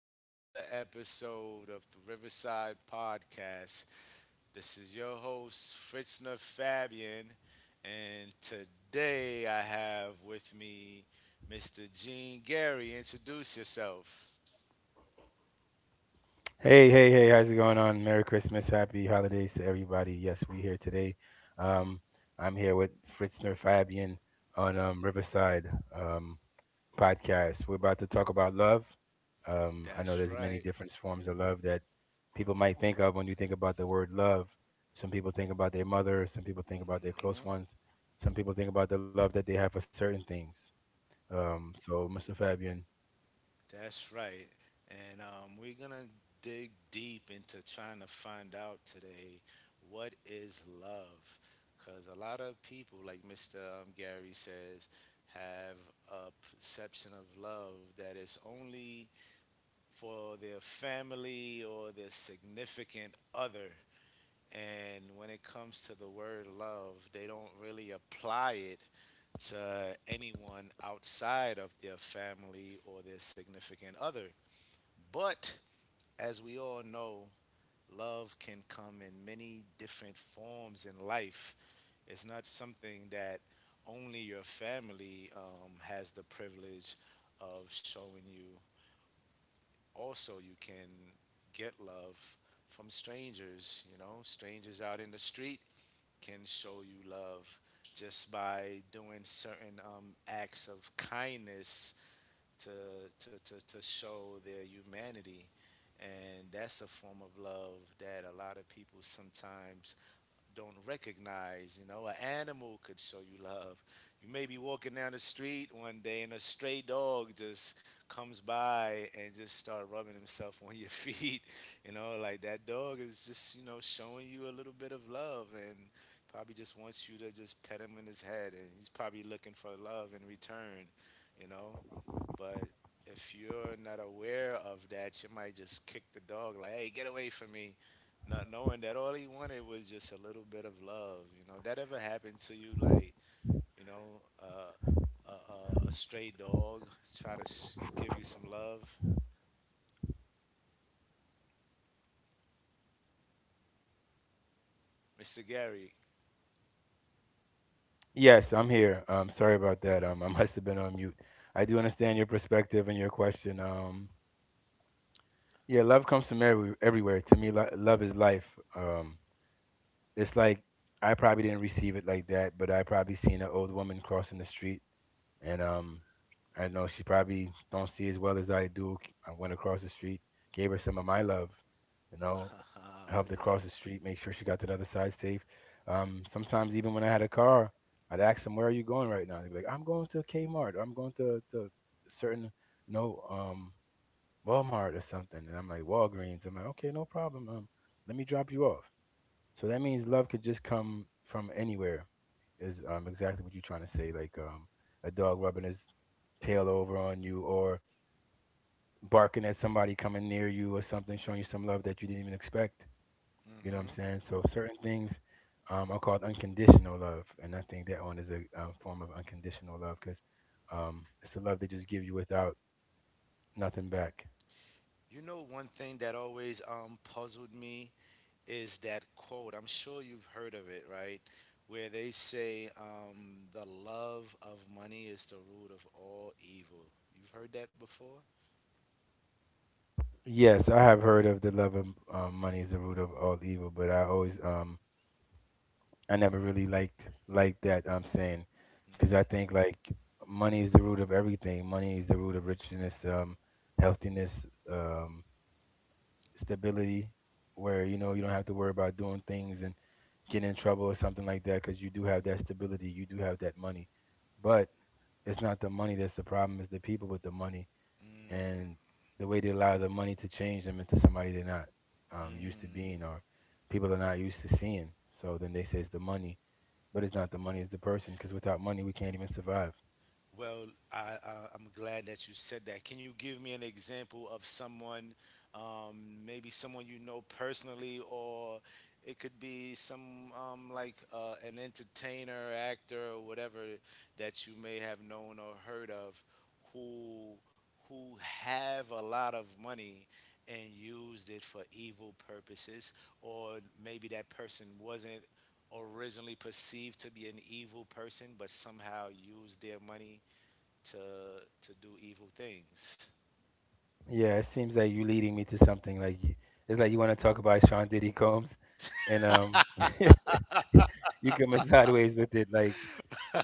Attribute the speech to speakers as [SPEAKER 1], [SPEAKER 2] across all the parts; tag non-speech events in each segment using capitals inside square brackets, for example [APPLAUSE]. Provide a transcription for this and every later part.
[SPEAKER 1] to another episode of the Riverside Podcast. This is your host, Fritzner Fabian, and today I have with me Mr. Gene Gary. Introduce yourself.
[SPEAKER 2] Hey, hey, hey, how's it going on? Merry Christmas, happy holidays to everybody. Yes, we're here today. Um, I'm here with Fritzner Fabian on Riverside um, podcast. We're about to talk about love. I know
[SPEAKER 1] That's
[SPEAKER 2] there's many
[SPEAKER 1] right.
[SPEAKER 2] different forms of love that people might think of when you think about the word love. Some people think about their mother, some people think about their close ones, some people think about the love that they have for certain things. Mr. Fabian,
[SPEAKER 1] That's right. And we're going to dig deep into trying to find out today what is love. Because a lot of people, like Mr. Gary says, have a perception of love that is only for their family or their significant other. And when it comes to the word love, they don't really apply it to anyone outside of their family or their significant other. But as we all know, love can come in many different forms in life. It's not something that only your family has the privilege of showing you. Also, you can get love from strangers. You know, strangers out in the street can show you love just by doing certain acts of kindness to, to show their humanity. And that's a form of love that a lot of people sometimes don't recognize. You know, an animal could show you love. You may be walking down the street one day and a stray dog just comes by and just start rubbing himself [LAUGHS] on your feet. [LAUGHS] You know, like that dog is just, showing you a little bit of love and probably just wants you to just pet him in his head and he's probably looking for love in return, you know but if you're not aware of that, you might just kick the dog like, "Hey, get away from me," not knowing that all he wanted was just a little bit of love. You know, that ever happened to you? Like, you know, uh, a stray dog give you some love, Mr. Gary.
[SPEAKER 2] yes, I'm here. Sorry about that. [LAUGHS] I must have been on mute. I do understand your perspective and your question. Yeah, love comes from everywhere. To me, love is life. Um, it's like I probably didn't receive it like that, but I probably seen an old woman crossing the street and I know she probably don't see as well as I do. I went across the street, gave her some of my love, you know,
[SPEAKER 1] [LAUGHS] Haha,
[SPEAKER 2] helped her cross the
[SPEAKER 1] yes.
[SPEAKER 2] street, make sure she got to the other side safe. Sometimes even when I had a car, I'd ask them, "Where are you going right now?" They'd be like, "I'm going to Kmart. Or I'm going to certain no Walmart or something." And I'm like, "Walgreens." I'm like, "Okay, no problem. Let me drop you off." So that means love could just come from anywhere is exactly what you're trying to say. Like a dog rubbing his tail over on you or barking at somebody coming near you or something, showing you some love that you didn't even expect. You know what I'm
[SPEAKER 1] hmm
[SPEAKER 2] saying? So certain things are called unconditional love, and I think that one is a form of unconditional love because it's the love they just give you without nothing back.
[SPEAKER 1] You know, one thing that always puzzled me is that quote. I'm sure you've heard of it, right? Where they say, the love of money is the root of all evil. You've heard that before?
[SPEAKER 2] Yes, I have heard of the love of money is the root of all evil, but I never really liked that saying, because
[SPEAKER 1] Hmm
[SPEAKER 2] I think like money is the root of everything. Money is the root of richness, healthiness, um, stability, where you know you don't have to worry about doing things and getting in trouble or something like that, because you do have that stability, you do have that money. But it's not the money that's the problem; it's the people with the money
[SPEAKER 1] Mm.
[SPEAKER 2] and the way they allow the money to change them into somebody they're not used to being or people are not used to seeing. So then they say it's the money, but it's not the money, it's the person. Because without money, we can't even survive.
[SPEAKER 1] Well, I'm glad that you said that. Can you give me an example of someone, maybe someone you know personally, or it could be some like an entertainer, actor, or whatever that you may have known or heard of, who have a lot of money and used it for evil purposes, or maybe that person wasn't originally perceived to be an evil person but somehow used their money to do evil things.
[SPEAKER 2] Yeah, it seems like you leading me to something, like you, it's like you want to talk about Sean Diddy Combs, and [LAUGHS] you coming sideways with it. Like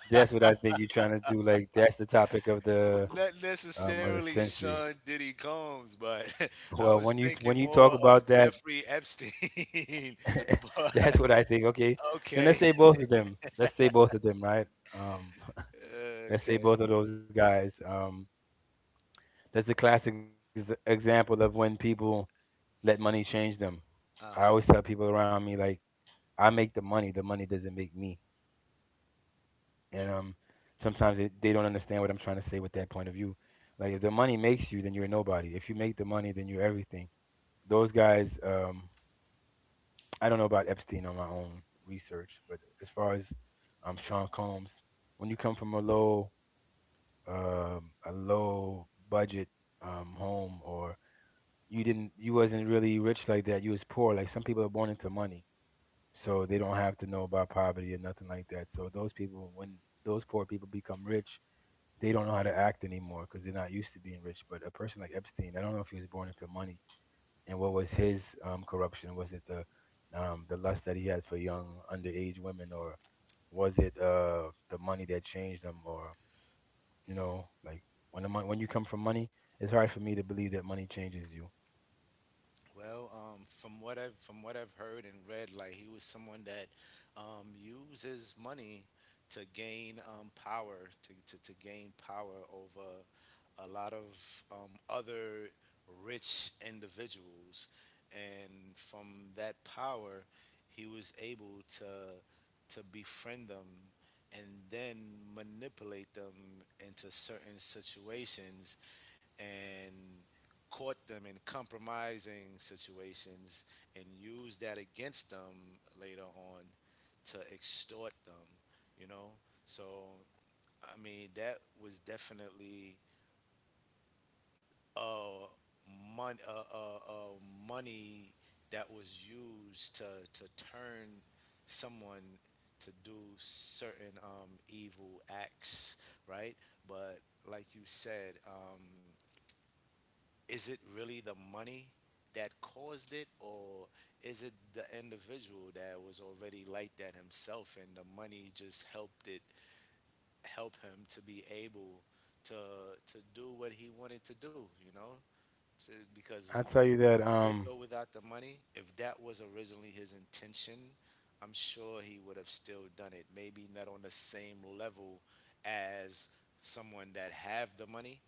[SPEAKER 2] that's what I think you're trying to do. Like that's the topic
[SPEAKER 1] Not
[SPEAKER 2] of the
[SPEAKER 1] necessarily
[SPEAKER 2] century.
[SPEAKER 1] Sean Diddy Combs, but [LAUGHS] I
[SPEAKER 2] Well,
[SPEAKER 1] was
[SPEAKER 2] when you when
[SPEAKER 1] thinking
[SPEAKER 2] you talk
[SPEAKER 1] more of
[SPEAKER 2] about that,
[SPEAKER 1] Jeffrey Epstein. [LAUGHS]
[SPEAKER 2] [LAUGHS] that's
[SPEAKER 1] But
[SPEAKER 2] what I think. Okay, then let's
[SPEAKER 1] okay,
[SPEAKER 2] say both of them. Let's say both of them, right? Um,
[SPEAKER 1] [LAUGHS]
[SPEAKER 2] [LAUGHS] let's say
[SPEAKER 1] okay,
[SPEAKER 2] both of those guys. That's a classic example of when people let money change them.
[SPEAKER 1] uh
[SPEAKER 2] I
[SPEAKER 1] huh,
[SPEAKER 2] always tell people around me, like, I make the money doesn't make me. And
[SPEAKER 1] true.
[SPEAKER 2] sometimes they don't understand what I'm trying to say with that point of view. Like, if the money makes you, then you're nobody. If you make the money, then you're everything. Those guys, I don't know about Epstein on my own research, but as far as Sean Combs, when you come from a low budget home, or you didn't you wasn't really rich like that, you was poor. Like some people are born into money, so they don't have to know about poverty or nothing like that. So those people, when those poor people become rich, they don't know how to act anymore because they're not used to being rich. But a person like Epstein, I don't know if he was born into money, and what was his corruption? Was it the lust that he had for young underage women, or was it the money that changed them? Or you know, like, when you come from money, it's hard for me to believe that money changes you.
[SPEAKER 1] Well, from what I've heard and read, like he was someone that uses money to gain power, to gain power over a lot of other rich individuals, and from that power, he was able to befriend them and then manipulate them into certain situations and caught them in compromising situations and used that against them later on to extort them, you know? So, I mean, that was definitely uh, money that was used to turn someone to do certain evil acts, right? But like you said, is it really the money that caused it or is it the individual that was already like that himself and the money just helped it help him to be able to do what he wanted to do, you know, so, because
[SPEAKER 2] I tell
[SPEAKER 1] like
[SPEAKER 2] you that
[SPEAKER 1] with or without the money, if that was originally his intention, I'm sure he would have still done it, maybe not on the same level as someone that have the money,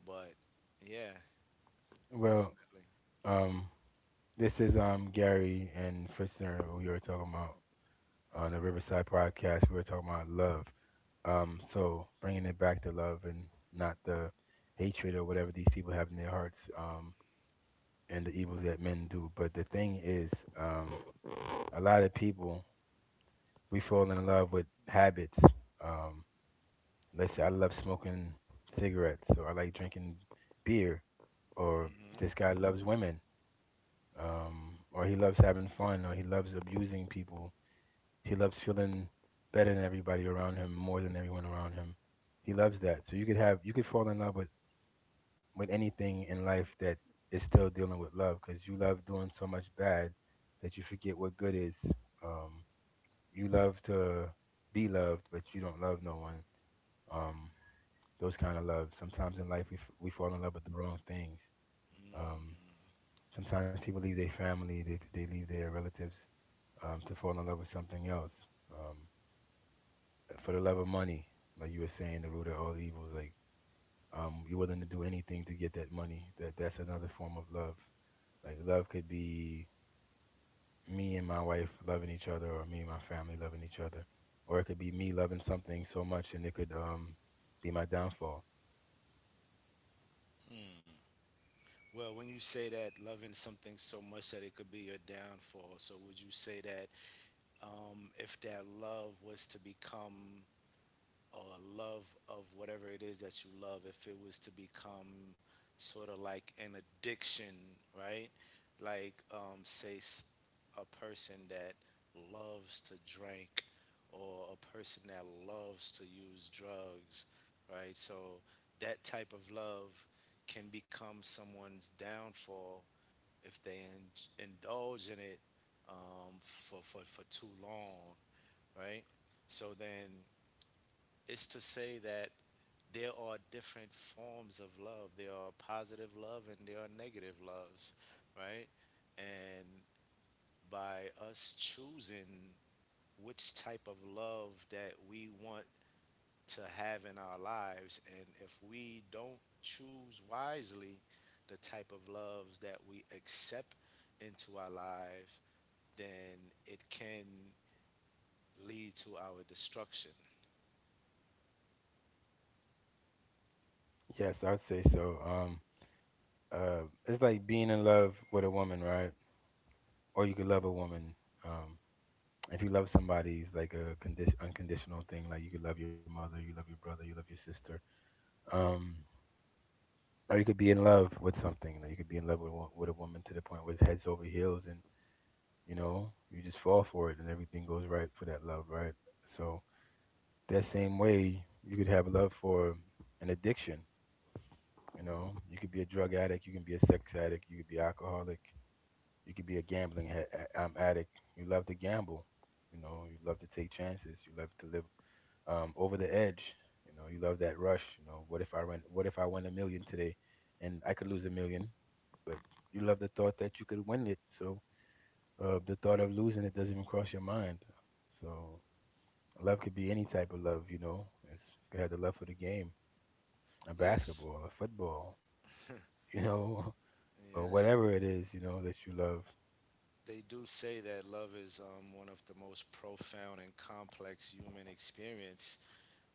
[SPEAKER 1] but yeah,
[SPEAKER 2] well,
[SPEAKER 1] definitely.
[SPEAKER 2] Um, this is Gary and Fritzner. We were talking about on the Riverside podcast. We were talking about love. So bringing it back to love and not the hatred or whatever these people have in their hearts. And the evils that men do. But the thing is, um, a lot of people, we fall in love with habits. Um, let's say I love smoking cigarettes, or I like drinking beer, or
[SPEAKER 1] Hmm
[SPEAKER 2] this guy loves women. Or he loves having fun, or he loves abusing people. He loves feeling better than everybody around him, more than everyone around him. He loves that. So you could you could fall in love with anything in life that is still dealing with love, because you love doing so much bad that you forget what good is. Um, you love to be loved, but you don't love no one. Um, those kind of love. Sometimes in life, we fall in love with the wrong things. Um, Sometimes people leave their family, they leave their relatives to fall in love with something else, um, for the love of money. Like you were saying, the root of all evils. Like, you're willing to do anything to get that money. That's another form of love. Like, love could be me and my wife loving each other, or me and my family loving each other, or it could be me loving something so much, and it could be my downfall.
[SPEAKER 1] Well, when you say that loving something so much that it could be your downfall, so would you say that if that love was to become or a love of whatever it is that you love, if it was to become sort of like an addiction, right? Like, a person that loves to drink or a person that loves to use drugs, right? So that type of love can become someone's downfall if they indulge in it for too long, right? So then it's to say that there are different forms of love. There are positive love and there are negative loves, right? And by us choosing which type of love that we want to have in our lives, and if we don't choose wisely the type of loves that we accept into our lives, then it can lead to our destruction.
[SPEAKER 2] Yes, I would say so. It's like being in love with a woman, right? Or you could love a woman. Um, if you love somebody, it's like a condition unconditional thing. Like you could love your mother, you love your brother, you love your sister, um or you could be in love with something. Like you could be in love with, a wo- with a woman to the point where it's heads over heels, and you know, you just fall for it and everything goes right for that love, right? So that same way, you could have love for an addiction. You know, you could be a drug addict, you can be a sex addict, you could be alcoholic, you could be a gambling addict. You love to gamble, you know, you love to take chances, you love to live over the edge. You know, you love that rush. You know, what if I win? What if I win a million today, and I could lose a million, but you love the thought that you could win it. So the thought of losing it doesn't even cross your mind. So love could be any type of love. You know, it's, you could have the love for the game, a
[SPEAKER 1] Yes,
[SPEAKER 2] basketball, a football. You know, [LAUGHS] or
[SPEAKER 1] yes.
[SPEAKER 2] whatever it is. You know, that you love.
[SPEAKER 1] They do say that love is one of the most profound and complex human experience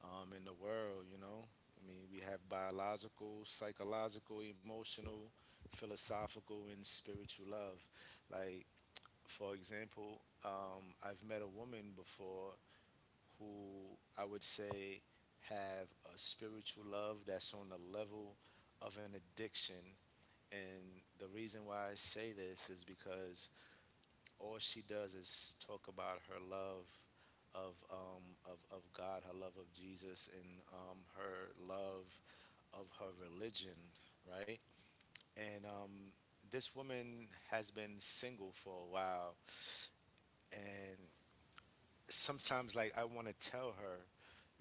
[SPEAKER 1] in the world, you know? I mean, we have biological, psychological, emotional, philosophical, and spiritual love. Like, for example, I've met a woman before who I would say have a spiritual love that's on the level of an addiction. And the reason why I say this is because all she does is talk about her love of of God, her love of Jesus, and her love of her religion, right? And this woman has been single for a while, and sometimes like I want to tell her,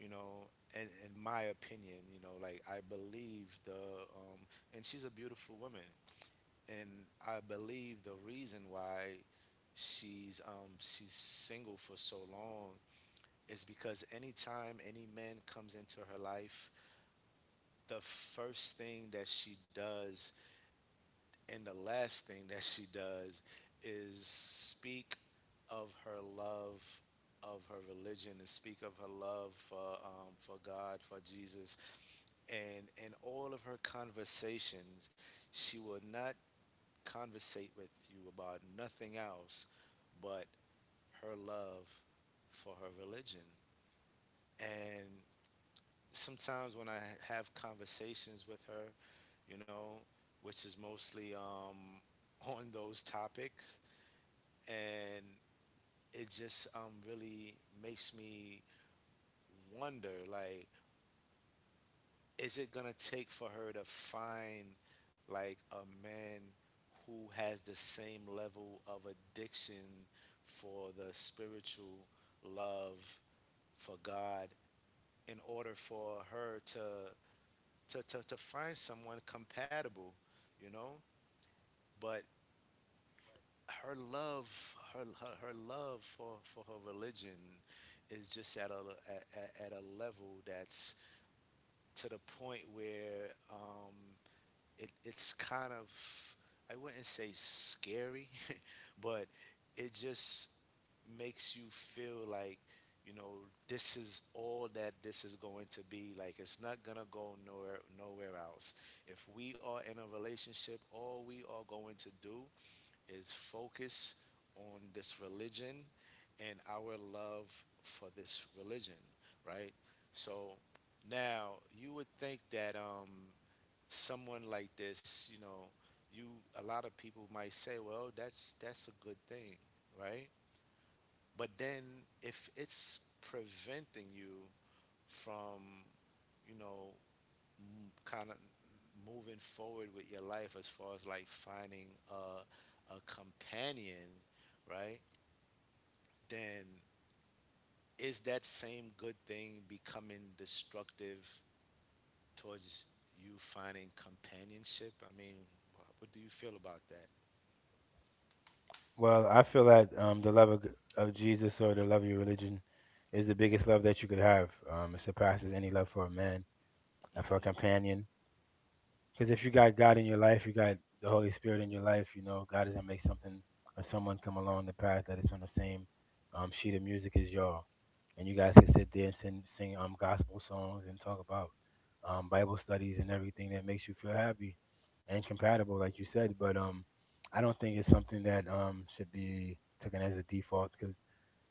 [SPEAKER 1] you know. In my opinion, you know, like I believe the, and she's a beautiful woman, and I believe the reason why she's single for so long is because anytime any man comes into her life, the first thing that she does and the last thing that she does is speak of her love of her religion and speak of her love for God, for Jesus, and in all of her conversations she will not conversate with you about nothing else but her love for her religion. And sometimes when I have conversations with her, you know, which is mostly [LAUGHS] on those topics, and it just really makes me wonder, like, is it gonna take for her to find like a man who has the same level of addiction for the spiritual love for God in order for her to to find someone compatible, you know? But her love, her love for her religion is just at a at a level that's to the point where it's kind of, I wouldn't say scary, [LAUGHS] but it just makes you feel like, you know, this is all that this is going to be, like it's not going to go nowhere, else. If we are in a relationship, all we are going to do is focus on this religion and our love for this religion, right? So now you would think that someone like this, you know, you, a lot of people might say, well, that's a good thing, right? But then if it's preventing you from, you know, kind of moving forward with your life as far as like finding a companion, right? Then is that same good thing becoming destructive towards you finding companionship? I mean, what do you feel about that?
[SPEAKER 2] Well, I feel that the love of Jesus or the love of your religion is the biggest love that you could have. It surpasses any love for a man and for a companion. Because if you got God in your life, you got the Holy Spirit in your life, you know, God is going to make something or someone come along the path that is on the same sheet of music as y'all. And you guys can sit there and sing gospel songs and talk about Bible studies and everything that makes you feel happy and compatible, like you said. But I don't think it's something that should be taken as a default, because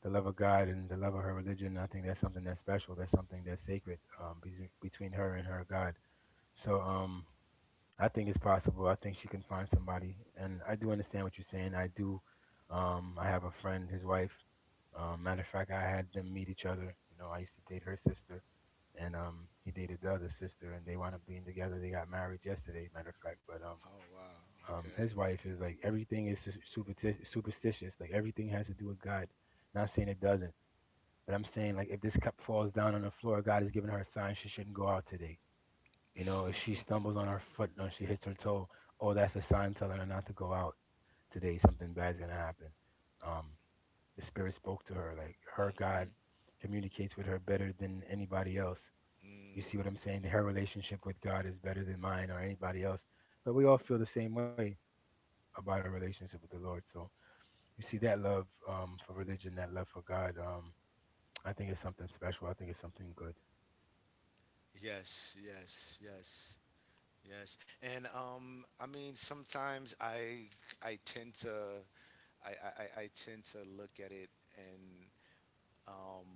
[SPEAKER 2] the love of God and the love of her religion, I think that's something that's special. That's something that's sacred, between her and her God. So I think it's possible. I think she can find somebody, and I do understand what you're saying. I do. I have a friend, his wife. Matter of fact, I had them meet each other. You know, I used to date her sister, and he dated the other sister, and they wound up being together. They got married yesterday, matter of fact. But
[SPEAKER 1] Oh wow. Okay.
[SPEAKER 2] his wife is like, everything is superstitious. Like everything has to do with God. Not saying it doesn't, but I'm saying like if this cup falls down on the floor, God has given her a sign she shouldn't go out today. If she
[SPEAKER 1] [LAUGHS]
[SPEAKER 2] stumbles on her foot or she hits her toe, oh, that's a sign telling her not to go out today. Something bad's gonna happen. Um, the spirit spoke to her. Like her God
[SPEAKER 1] mhm.
[SPEAKER 2] communicates with her better than anybody else. You see what I'm
[SPEAKER 1] Mm.
[SPEAKER 2] saying? Her relationship with God is better than mine or anybody else. But we all feel the same way about our relationship with the Lord. So you see that love for religion, that love for God. I think it's something special. I think it's something good.
[SPEAKER 1] Yes, yes, yes. Yes. And um, I mean sometimes I tend to I tend to look at it in um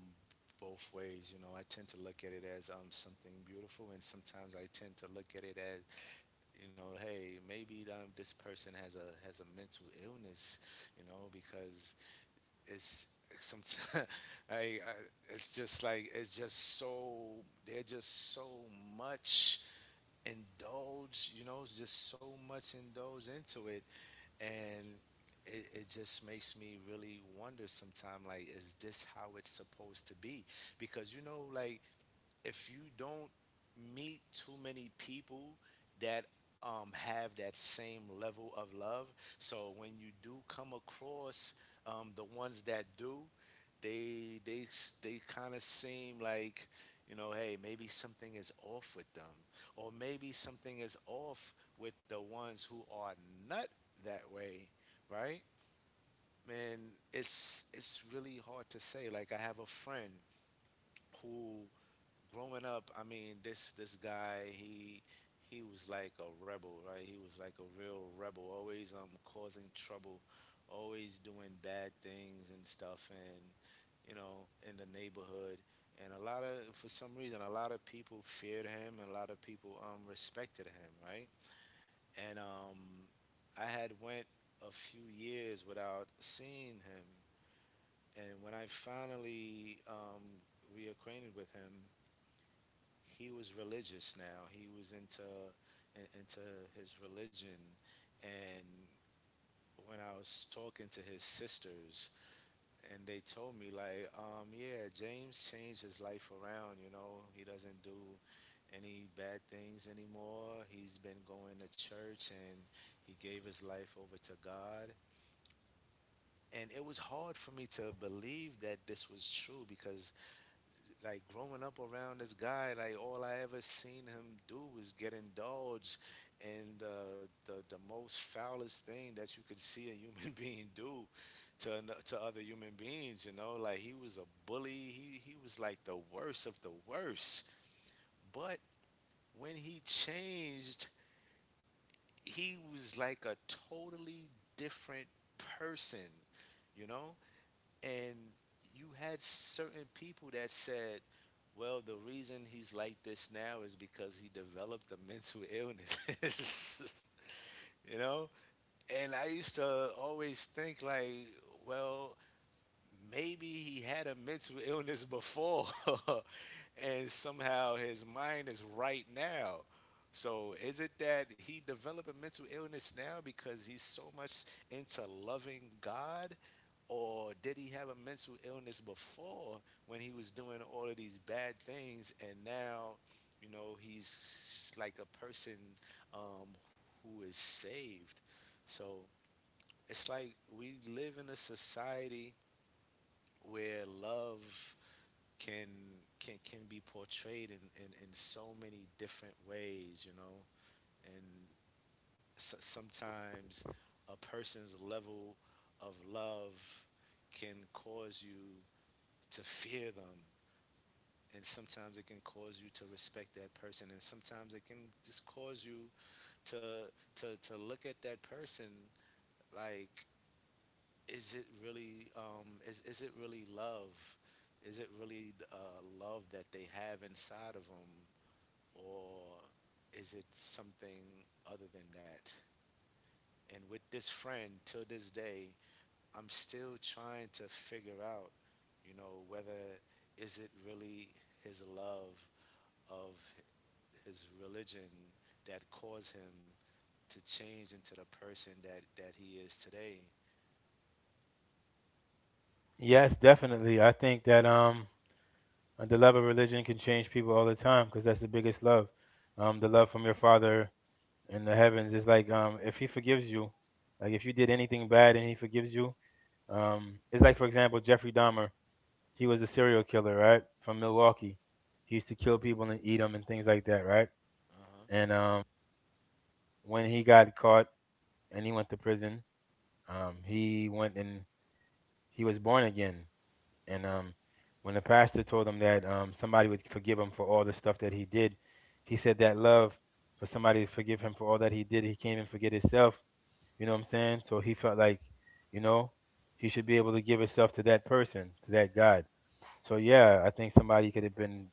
[SPEAKER 1] both ways, you know. I tend to look at it as something beautiful, and sometimes I tend to look at it as, you know, hey, maybe this person has a mental illness, you know, because it's some, [LAUGHS] I it's just like it's just so, they're just so much indulged, you know, it's just so much indulged into it. And it, it just makes me really wonder sometimes like, is this how it's supposed to be? Because, you know, like if you don't meet too many people that have that same level of love, so when you do come across the ones that do, they kind of seem like, you know, hey, maybe something is off with them, or maybe something is off with the ones who are not that way, right? Man, it's really hard to say. Like I have a friend who, growing up, I mean, this guy, he was like a rebel, right? He was like a real rebel, always causing trouble, always doing bad things and stuff, and, you know, in the neighborhood. And a lot of, for some reason, a lot of people feared him, and a lot of people respected him, right? And I had went a few years without seeing him, and when I finally reacquainted with him, he was religious now. He was into into his religion, and when I was talking to his sisters, and they told me like, yeah, James changed his life around. You know, he doesn't do any bad things anymore. He's been going to church and he gave his life over to God. And it was hard for me to believe that this was true because like growing up around this guy, like all I ever seen him do was get indulged in the most foulest thing that you could see a human [LAUGHS] being do to to other human beings. You know, like he was a bully. He was like the worst of the worst. But when he changed, he was like a totally different person. You know, and you had certain people that said, "Well, the reason he's like this now is because he developed a mental illness." [LAUGHS] You know, and I used to always think like, "Well, maybe he had a mental illness before [LAUGHS] and somehow his mind is right now. So is it that he developed a mental illness now because he's so much into loving God? Or did he have a mental illness before when he was doing all of these bad things and now, you know, he's like a person um, who is saved?" So it's like we live in a society where love can can be portrayed in in so many different ways, you know, and so, sometimes a person's level of love can cause you to fear them, and sometimes it can cause you to respect that person, and sometimes it can just cause you to to look at that person like is it really is it really love? Is it really love that they have inside of them, or is it something other than that? And with this friend, till this day, I'm still trying to figure out, you know, whether is it really his love of his religion that caused him to change into the person that he is today.
[SPEAKER 2] Yes, definitely. I think that And the love of religion can change people all the time because that's the biggest love. The love from your Father in the heavens is like, if He forgives you, like if you did anything bad and He forgives you, it's like for example Jeffrey Dahmer. He was a serial killer, right, from Milwaukee. He used to kill people and eat them and things like that, right?
[SPEAKER 1] Uh huh.
[SPEAKER 2] And when he got caught and he went to prison, he went and he was born again. And when the pastor told him that, somebody would forgive him for all the stuff that he did, he said that love for somebody to forgive him for all that he did, he can't even forget himself. You know what I'm saying? So he felt like, you know, he should be able to give himself to that person, to that God. So yeah, I think somebody could have been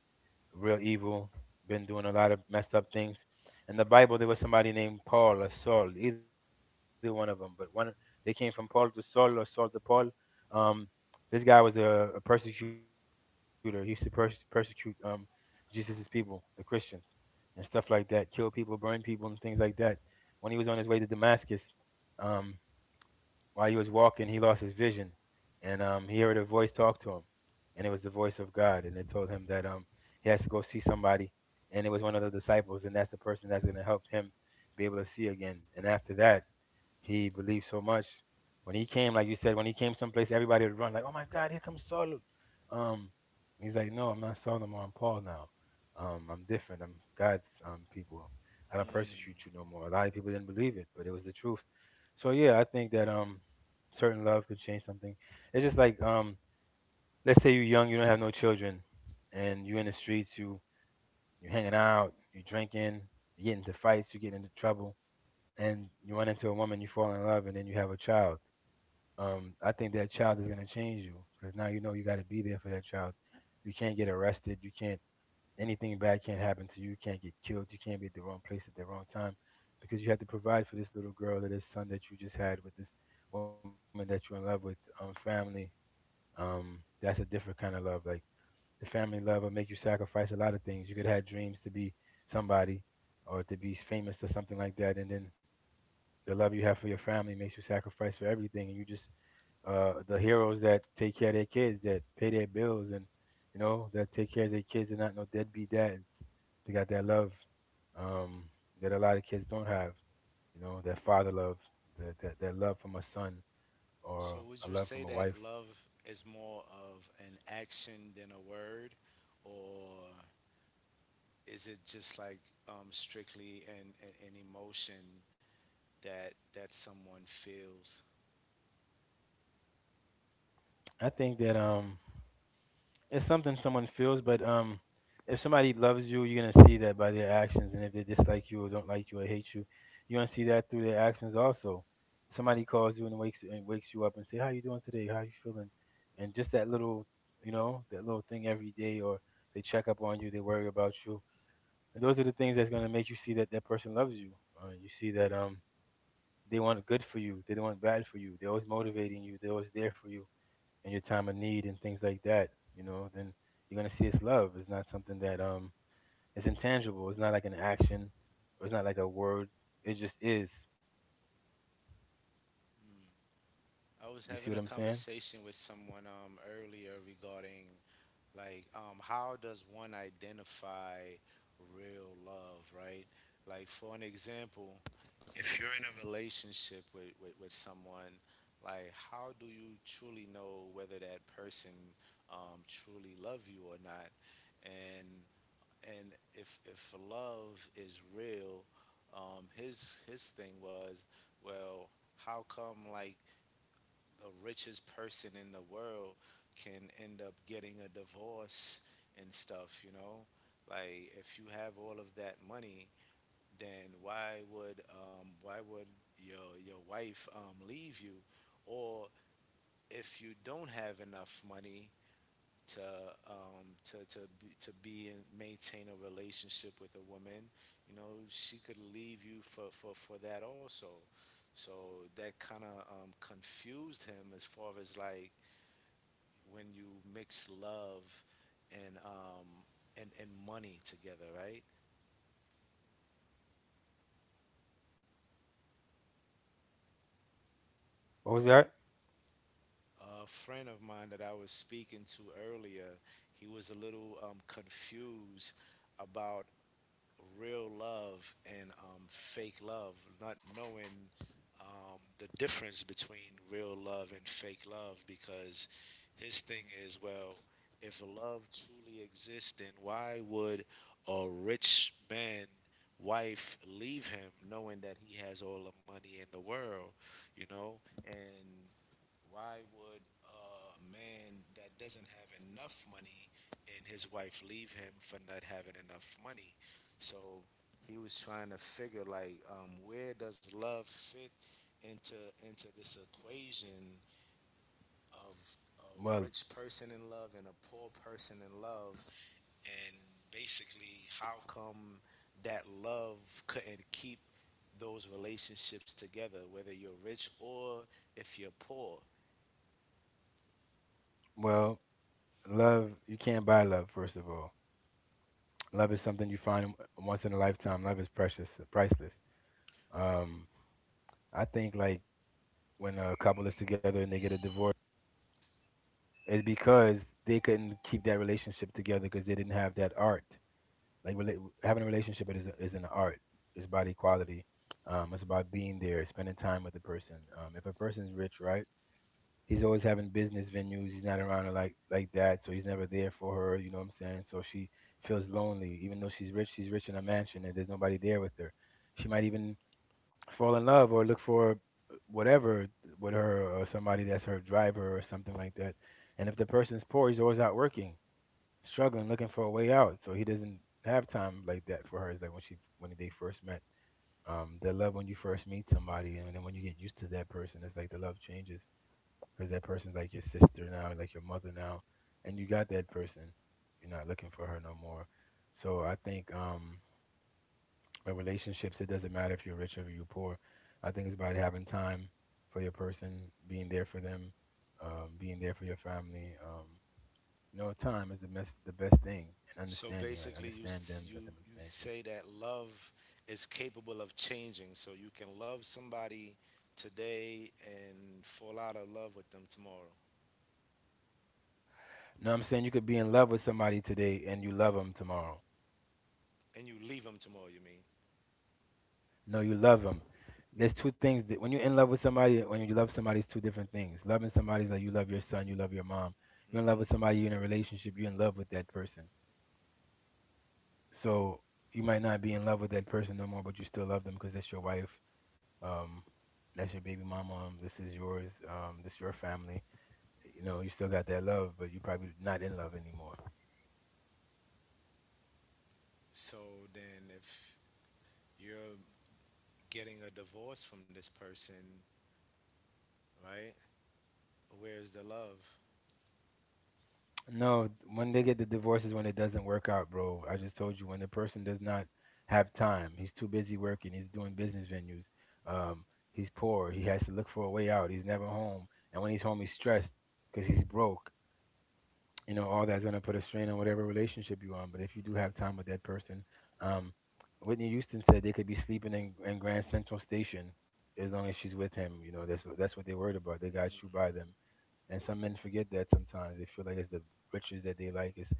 [SPEAKER 2] real evil, been doing a lot of messed up things. In the Bible, there was somebody named Paul or Saul, either one of them, but one they came from Paul to Saul or Saul to Paul. Um, this guy was a persecutor. He used to persecute Jesus' people, the Christians, and stuff like that. Kill people, burn people, and things like that. When he was on his way to Damascus, um, while he was walking, he lost his vision, and, he heard a voice talk to him, and it was the voice of God, and it told him that he has to go see somebody, and it was one of the disciples, and that's the person that's going to help him be able to see again. And after that, he believed so much. When he came, like you said, when he came someplace, everybody would run like, "Oh my God, here comes Saul!" Um, he's like, "No, I'm not Saul, no, I'm Paul now. I'm different. I'm God's people. I don't
[SPEAKER 1] Mm.
[SPEAKER 2] persecute you no more." A lot of people didn't believe it, but it was the truth. So yeah, I think that certain love could change something. It's just like, let's say you're young, you don't have no children, and you're in the streets, you're hanging out, you're drinking, you get into fights, you get into trouble, and you run into a woman, you fall in love, and then you have a child. I think that child is gonna change you because now you know you got to be there for that child. You can't get arrested. You can't Anything bad can't happen to you. You can't get killed. You can't be at the wrong place at the wrong time because you had to provide for this little girl or this son that you just had with this woman that you're in love with. Family. Um, that's a different kind of love. Like the family love will make you sacrifice a lot of things. You could have dreams to be somebody or to be famous or something like that, and then the love you have for your family makes you sacrifice for everything. And you just, the heroes that take care of their kids, that pay their bills, and you know, that take care of their kids and not no deadbeat dads. They got that love, um, that a lot of kids don't have. You know, that father love, that love from a son
[SPEAKER 1] So
[SPEAKER 2] or
[SPEAKER 1] would you
[SPEAKER 2] a love
[SPEAKER 1] say
[SPEAKER 2] from a
[SPEAKER 1] that
[SPEAKER 2] wife.
[SPEAKER 1] love is more of an action than a word, or is it just like strictly an emotion that someone feels?
[SPEAKER 2] I think that it's something someone feels, but, if somebody loves you, you're gonna see that by their actions, and if they dislike you or don't like you or hate you, you're gonna see that through their actions also. Somebody calls you and wakes you up and say, "How you doing today? How you feeling?" And just that little, you know, that little thing every day, or they check up on you, they worry about you, and those are the things that's gonna make you see that that person loves you. You see that, they want good for you, they don't want bad for you. They're always motivating you, they're always there for you in your time of need and things like that, you know, then you're gonna see it's love. It's not something that, it's intangible. It's not like an action or it's not like a word. It just is.
[SPEAKER 1] I was
[SPEAKER 2] You see what
[SPEAKER 1] having a
[SPEAKER 2] I'm saying?
[SPEAKER 1] conversation with someone earlier regarding. Like, how does one identify real love, right? Like, for an example, if you're in a relationship with, with someone, like, how do you truly know whether that person truly love you or not? And and if love is real, his thing was, well, how come like the richest person in the world can end up getting a divorce and stuff, you know? Like if you have all of that money, then why would your wife leave you? Or if you don't have enough money to to be and maintain a relationship with a woman, you know, she could leave you for for that also. So that kind of confused him as far as like when you mix love and and money together, right?
[SPEAKER 2] What was that?
[SPEAKER 1] A friend of mine that I was speaking to earlier, he was a little confused about real love and fake love, not knowing the difference between real love and fake love because his thing is well, if love truly exists, then why would a rich man wife leave him knowing that he has all the money in the world, you know? And why would a man that doesn't have enough money and his wife leave him for not having enough money? So he was trying to figure like where does love fit into into this equation of a
[SPEAKER 2] Well
[SPEAKER 1] rich person in love and a poor person in love, and basically how come that love couldn't keep those relationships together whether you're rich or if you're poor.
[SPEAKER 2] well, love, you can't buy love, first of all. Love is something you find once in a lifetime. Love is precious, priceless. Um I think like, when a couple is together and they get a divorce, it's because they couldn't keep that relationship together because they didn't have that art. Like rela- having a relationship is an art. It's about equality. It's about being there, spending time with the person. If a person's rich, right? He's always having business venues. He's not around her like that, so he's never there for her. You know what I'm saying? So she feels lonely, even though she's rich. She's rich in a mansion, and there's nobody there with her. She might even fall in love or look for whatever with her or somebody that's her driver or something like that. And if the person's poor, he's always out working, struggling, looking for a way out. So he doesn't have time like that for her. It's like when they first met. The love when you first meet somebody, and then when you get used to that person, it's like the love changes because that person's like your sister now, like your mother now, and you got that person. You're not looking for her no more. So I think, in relationships, it doesn't matter if you're rich or you're poor. I think it's about having time for your person, being there for them, being there for your family. You know, time is the best thing, and
[SPEAKER 1] So
[SPEAKER 2] understanding. Like,
[SPEAKER 1] basically,
[SPEAKER 2] understand them, let
[SPEAKER 1] you
[SPEAKER 2] them
[SPEAKER 1] you
[SPEAKER 2] understand you.
[SPEAKER 1] say that love is capable of changing. So you can love somebody today and fall out of love with them tomorrow,
[SPEAKER 2] No, I'm saying you could be in love with somebody today and you love them tomorrow.
[SPEAKER 1] and you leave them tomorrow. You mean?
[SPEAKER 2] No, you love them. There's two things that when you're in love with somebody, when you love somebody, it's two different things. Loving somebody is like you love your son, you love your mom. You're in love
[SPEAKER 1] Hmm.
[SPEAKER 2] with somebody, you're in a relationship, you're in love with that person. So you might not be in love with that person no more, but you still love them because that's your wife. Um, that's your baby mama. This is yours. This is your family. You know, you still got that love, but you probably not in love anymore.
[SPEAKER 1] So then, if you're getting a divorce from this person, right? Where's the love?
[SPEAKER 2] No, when they get the divorce is when it doesn't work out, bro. I just told you, when the person does not have time, he's too busy working, he's doing business venues, um, he's poor, he has to look for a way out, he's never home, and when he's home, he's stressed because he's broke. You know, all that's gonna put a strain on whatever relationship you're on. But if you do have time with that person, um, Whitney Houston said they could be sleeping in Grand Central Station as long as she's with him. You know, that's what they worried about. They got you by them. And some men forget that. Sometimes they feel like it's the riches that they like is,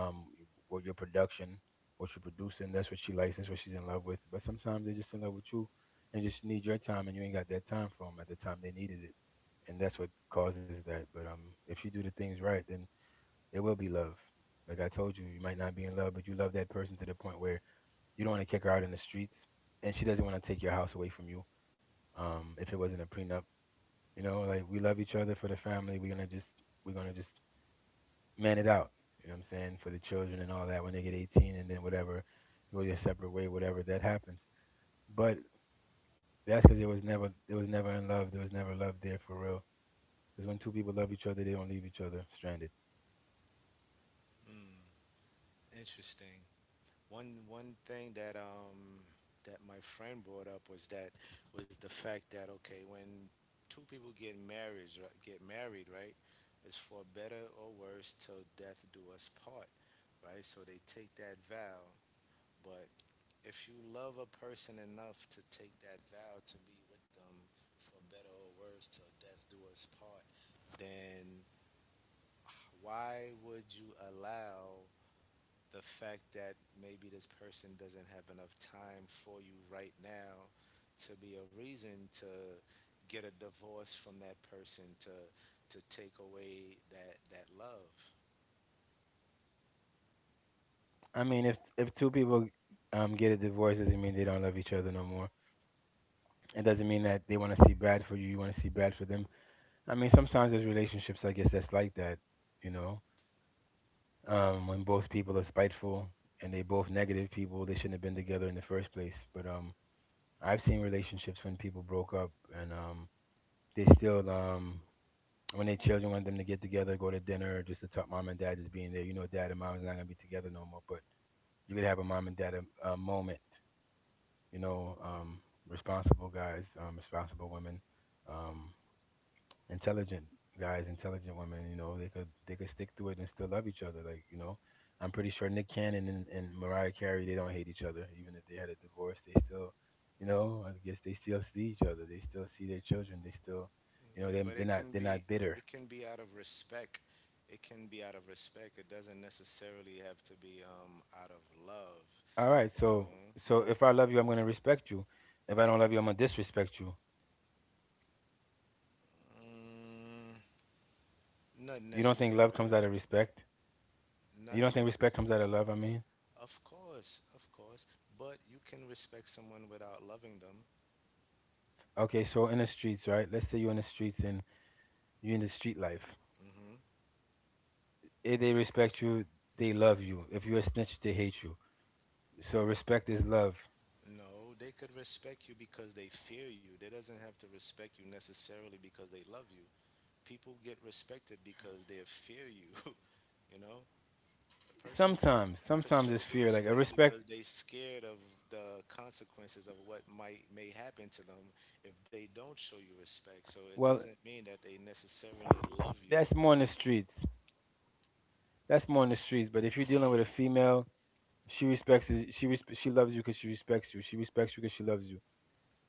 [SPEAKER 2] um what your production, what you're producing. That's what she likes. That's what she's in love with. But sometimes they're just in love with you and just need your time, and you ain't got that time for them at the time they needed it. And that's what causes that. But, if you do the things right, then there will be love. Like I told you, you might not be in love, but you love that person to the point where you don't want to kick her out in the streets, and she doesn't want to take your house away from you. If it wasn't a prenup, you know, like, we love each other for the family. We're gonna just man it out. You know what I'm saying? For the children and all that when they get 18 and then whatever, go your separate way, whatever that happens. But that's because it was never in love. There was never love there for real. Because when two people love each other, they don't leave each other stranded.
[SPEAKER 1] Interesting. One thing that my friend brought up was that was the fact that, okay, when two people get married right, it's for better or worse till death do us part, right? So they take that vow, but if you love a person enough to take that vow to be with them for better or worse till death do us part, then why would you allow the fact that maybe this person doesn't have enough time for you right now to be a reason to get a divorce from that person, to take away that love?
[SPEAKER 2] I mean, if two people get a divorce, doesn't mean they don't love each other no more. It doesn't mean that they want to see bad for you. You want to see bad for them. I mean, sometimes there's relationships, I guess, that's like that. You know, when both people are spiteful and they both negative people, they shouldn't have been together in the first place. But I've seen relationships when people broke up and they still when their children want them to get together, go to dinner, just to talk mom and dad just being there. You know, dad and mom is not gonna be together no more, but you could have a mom and dad a moment. You know, responsible guys, responsible women. Um, intelligent guys, intelligent women. You know, they could stick through it and still love each other. Like you know, I'm pretty sure Nick Cannon and Mariah Carey, they don't hate each other. Even if they had a divorce, they still, you know, I guess they still see each other. They still see their children. They still, you
[SPEAKER 1] Yeah,
[SPEAKER 2] know, they
[SPEAKER 1] but it
[SPEAKER 2] they're not
[SPEAKER 1] can
[SPEAKER 2] they're
[SPEAKER 1] be,
[SPEAKER 2] not bitter.
[SPEAKER 1] it can be out of respect, it can be out of respect, it doesn't necessarily have to be out of love,
[SPEAKER 2] All right,
[SPEAKER 1] you know.
[SPEAKER 2] so so if I love you, I'm gonna respect you. If I don't love you, I'm gonna disrespect you.
[SPEAKER 1] Mm, not
[SPEAKER 2] You don't think love comes
[SPEAKER 1] necessarily.
[SPEAKER 2] out of respect?
[SPEAKER 1] Not
[SPEAKER 2] You don't think respect comes out of
[SPEAKER 1] necessarily.
[SPEAKER 2] love? I mean,
[SPEAKER 1] Of course, of course. But you can respect someone without loving them.
[SPEAKER 2] okay, so in the streets, right? Let's say you're in the streets and you're in the street life.
[SPEAKER 1] Hmm.
[SPEAKER 2] If they respect you, they love you. If you're a snitch, they hate you. So respect is love.
[SPEAKER 1] No, they could respect you because they fear you. They doesn't have to respect you necessarily because they love you. People get respected because they fear you. [LAUGHS] You know, a person could
[SPEAKER 2] Sometimes,
[SPEAKER 1] could show
[SPEAKER 2] sometimes it's
[SPEAKER 1] you
[SPEAKER 2] fear. Like a
[SPEAKER 1] respect because
[SPEAKER 2] respect,
[SPEAKER 1] they scared of the consequences of what might may happen to them if they don't show you respect. So it
[SPEAKER 2] well,
[SPEAKER 1] doesn't mean that they necessarily love you.
[SPEAKER 2] that's more in the streets. That's more in the streets. But if you're dealing with a female, she respects it. She she loves you because she respects you. She respects you because she loves you.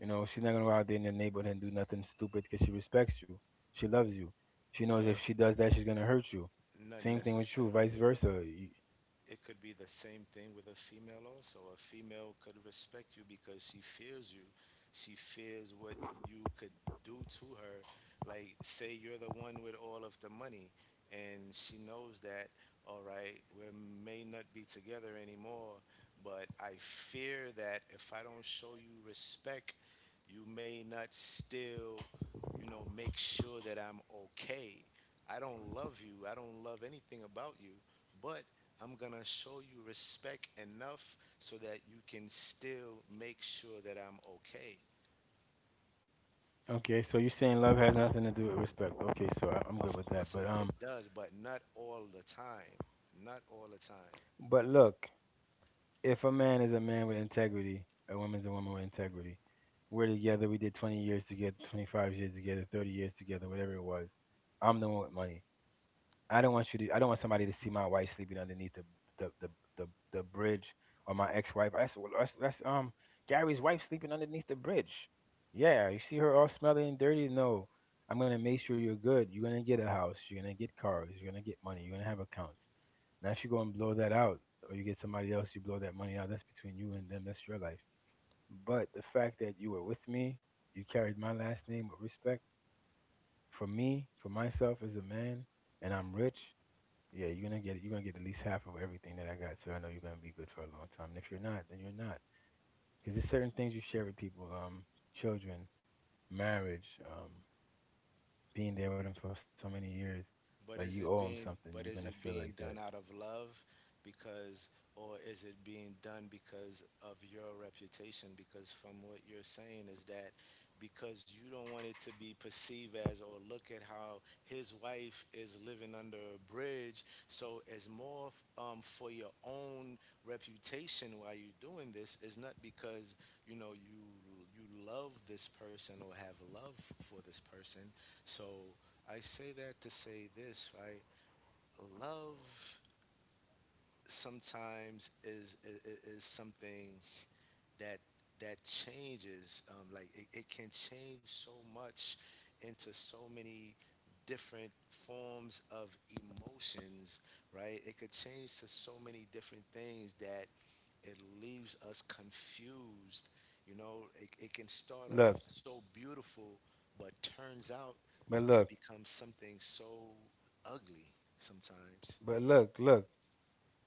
[SPEAKER 2] You know, she's not gonna go out there in the neighborhood and do nothing stupid because she respects you. She loves you. She knows
[SPEAKER 1] Well,
[SPEAKER 2] if she does that, she's gonna hurt you.
[SPEAKER 1] not
[SPEAKER 2] Same thing with you, vice
[SPEAKER 1] necessarily.
[SPEAKER 2] versa. You-
[SPEAKER 1] It could be the same thing with a female also. A female could respect you because she fears you. She fears what you could do to her. Like, say you're the one with all of the money, and she knows that, all right, we may not be together anymore, but I fear that if I don't show you respect, you may not still, you know, make sure that I'm okay. I don't love you. I don't love anything about you. But I'm gonna show you respect enough so that you can still make sure that I'm okay.
[SPEAKER 2] okay, so you're saying love has nothing to do with respect. Okay, so I'm good
[SPEAKER 1] Of
[SPEAKER 2] with that.
[SPEAKER 1] course, it,
[SPEAKER 2] But
[SPEAKER 1] it does, but not all the time. Not all the time.
[SPEAKER 2] but look, if a man is a man with integrity, a woman's a woman with integrity. We're together. We did 20 years together, 25 years together, 30 years together, whatever it was. I'm the one with money. I don't want you to. I don't want somebody to see my wife sleeping underneath the the the the bridge, or my ex-wife. That's Gary's wife sleeping underneath the bridge. Yeah, you see her all smelly and dirty. No, I'm gonna make sure you're good. You're gonna get a house. You're gonna get cars. You're gonna get money. You're gonna have accounts. Now if you go and blow that out, or you get somebody else, you blow that money out. That's between you and them. That's your life. But the fact that you were with me, you carried my last name with respect. For me, for myself as a man, and I'm rich. Yeah, you're gonna get at least half of everything that I got. So I know you're gonna be good for a long time. And if you're not, then you're not. Because there's certain things you share with people. Children, marriage, being there with them for so many years. Like
[SPEAKER 1] But
[SPEAKER 2] you
[SPEAKER 1] is it
[SPEAKER 2] owe them
[SPEAKER 1] being
[SPEAKER 2] something. You're
[SPEAKER 1] but
[SPEAKER 2] gonna
[SPEAKER 1] is it
[SPEAKER 2] feel like
[SPEAKER 1] being
[SPEAKER 2] that.
[SPEAKER 1] done out of love because, or is it being done because of your reputation, because from what you're saying is that because you don't want it to be perceived as, or look at how his wife is living under a bridge, so it's more for your own reputation while you're doing this, is not because you know you, you love this person or have love for this person. So I say that to say this, right? Love sometimes is, is something that changes. Like it, it can change so much into so many different forms of emotions, right? It could change to so many different things that it leaves us confused. You know, it can start off
[SPEAKER 2] Look,
[SPEAKER 1] so beautiful, but turns out
[SPEAKER 2] but
[SPEAKER 1] to
[SPEAKER 2] look,
[SPEAKER 1] become something so ugly sometimes.
[SPEAKER 2] but look, look.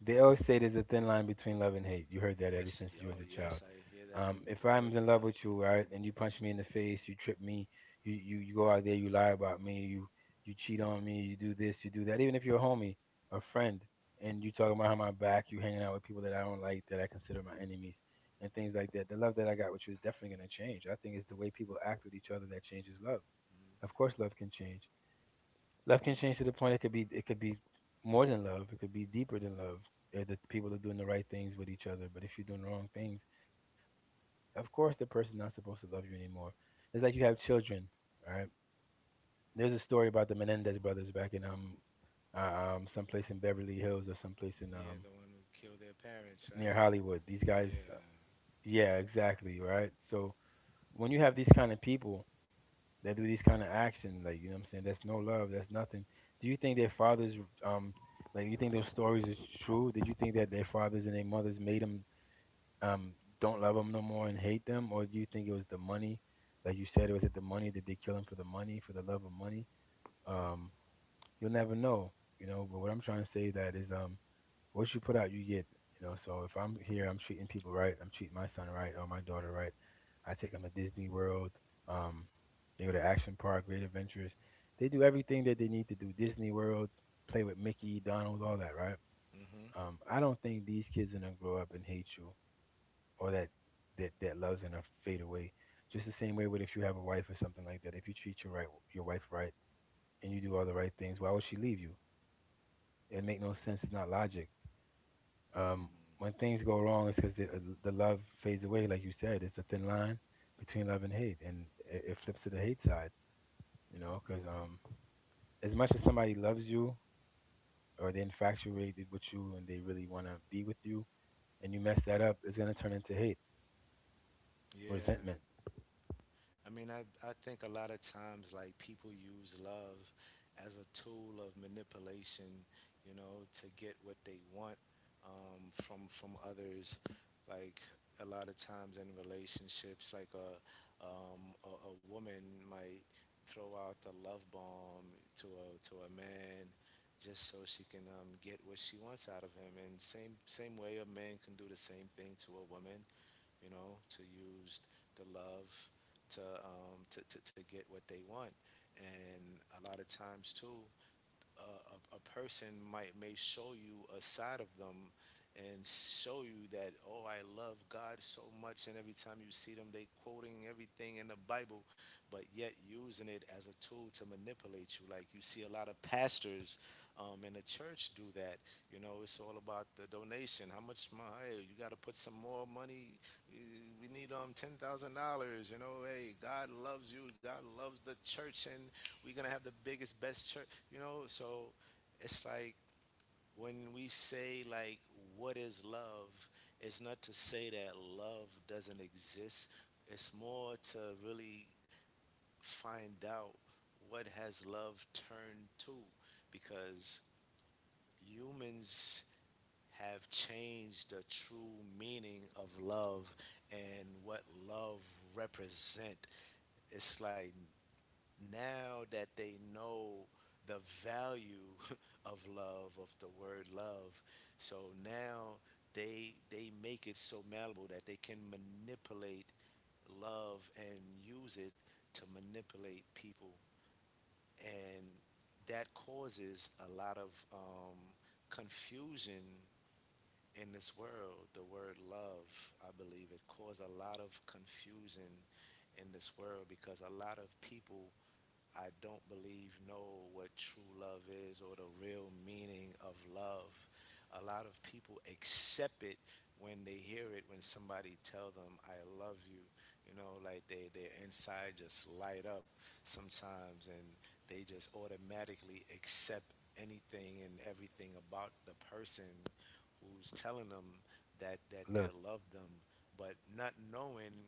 [SPEAKER 2] They always say there's a thin line between love and hate. You heard that ever
[SPEAKER 1] Yes,
[SPEAKER 2] since
[SPEAKER 1] yo,
[SPEAKER 2] you was a
[SPEAKER 1] yes,
[SPEAKER 2] child.
[SPEAKER 1] I hear that
[SPEAKER 2] If
[SPEAKER 1] all the
[SPEAKER 2] I'm in
[SPEAKER 1] time.
[SPEAKER 2] love with you, right, and you punch me in the face, you trip me, you go out there, you lie about me, you cheat on me, you do this, you do that. Even if you're a homie, a friend, and you talking behind my back, you hanging out with people that I don't like, that I consider my enemies, and things like that. The love that I got with you is definitely gonna change. I think it's the way people act with each other that changes love. Of course, love can change. Love
[SPEAKER 1] Mm,
[SPEAKER 2] can change to the point it could be more than love. It could be deeper than love. If the people are doing the right things with each other, but if you're doing the wrong things, of course the person's not supposed to love you anymore. It's like you have children, all right? There's a story about the Menendez brothers back in someplace in Beverly Hills or someplace in
[SPEAKER 1] yeah, the one who killed their
[SPEAKER 2] near
[SPEAKER 1] parents, right?
[SPEAKER 2] Hollywood. These guys,
[SPEAKER 1] Yeah.
[SPEAKER 2] yeah, exactly, right? So when you have these kind of people that do these kind of actions. Like you know what I'm saying? That's no love. That's nothing. Do you think their fathers, um, like you think those stories is true? Did you think that their fathers and their mothers made them um don't love them no more and hate them, or do you think it was the money? Like you said, was it the money? Did they kill him for the money, for the love of money? Um, you'll never know, you know. But what I'm trying to say that is what you put out, you get. You know, so if I'm here, I'm treating people right. I'm treating my son right or my daughter right. I take them to Disney World. Um, they go to Action Park, Great Adventures. They do everything that they need to do. Disney World, play with Mickey, Donald, all that, right?
[SPEAKER 1] Mm-hmm.
[SPEAKER 2] I don't think these kids are gonna grow up and hate you or that that love's gonna fade away. Just the same way with if you have a wife or something like that. If you treat your right your wife right and you do all the right things, why would she leave you? It make no sense. It's not logic. Um,
[SPEAKER 1] Mm,
[SPEAKER 2] when things go wrong, it's because the love fades away, like you said. It's a thin line between love and hate, and it flips to the hate side, you know, because as much as somebody loves you or they're infatuated with you and they really want to be with you, and you mess that up, it's going to turn into hate,
[SPEAKER 1] yeah.
[SPEAKER 2] resentment.
[SPEAKER 1] I mean, I think a lot of times, like, people use love as a tool of manipulation, you know, to get what they want from others. Like, a lot of times in relationships, like a woman might throw out the love bomb to a man just so she can get what she wants out of him. And same same way, a man can do the same thing to a woman, you know, to use the love to to get what they want, and a lot of times too, a person might may show you a side of them and show you that, oh, I love God so much, and every time you see them they quoting everything in the Bible, but yet using it as a tool to manipulate you. Like you see a lot of pastors in the church do that. You know, it's all about the donation, how much my, hey, you got to put some more money, we need $10,000, you know, hey, God loves you, God loves the church, and we're gonna have the biggest best church, you know. So it's like when we say like what is love, it's not to say that love doesn't exist. It's more to really find out what has love turned to because humans have changed the true meaning of love and what love represent. It's like now that they know the value [LAUGHS] of love, of the word love, so now they make it so malleable that they can manipulate love and use it to manipulate people, and that causes a lot of confusion in this world. The word love, I believe, it caused a lot of confusion in this world because a lot of people I don't believe know what true love is, or the real meaning of love. A lot of people accept it when they hear it, when somebody tell them I love you. Like they their inside just light up sometimes, and they just automatically accept anything and everything about the person who's telling them that they
[SPEAKER 2] Look,
[SPEAKER 1] love them, but not knowing,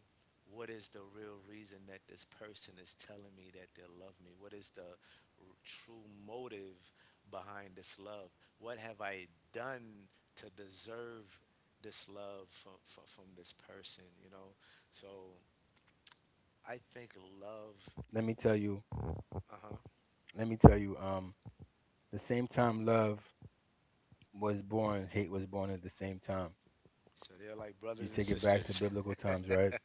[SPEAKER 1] what is the real reason that this person is telling me that they love me? What is the true motive behind this love? What have I done to deserve this love from this person, you know? So I think love,
[SPEAKER 2] let me tell you,
[SPEAKER 1] uh huh.
[SPEAKER 2] let me tell you, the same time love was born, hate was born at the same time.
[SPEAKER 1] So they're like brothers
[SPEAKER 2] You
[SPEAKER 1] and
[SPEAKER 2] take it back
[SPEAKER 1] sisters.
[SPEAKER 2] to biblical times,
[SPEAKER 1] [LAUGHS]
[SPEAKER 2] right?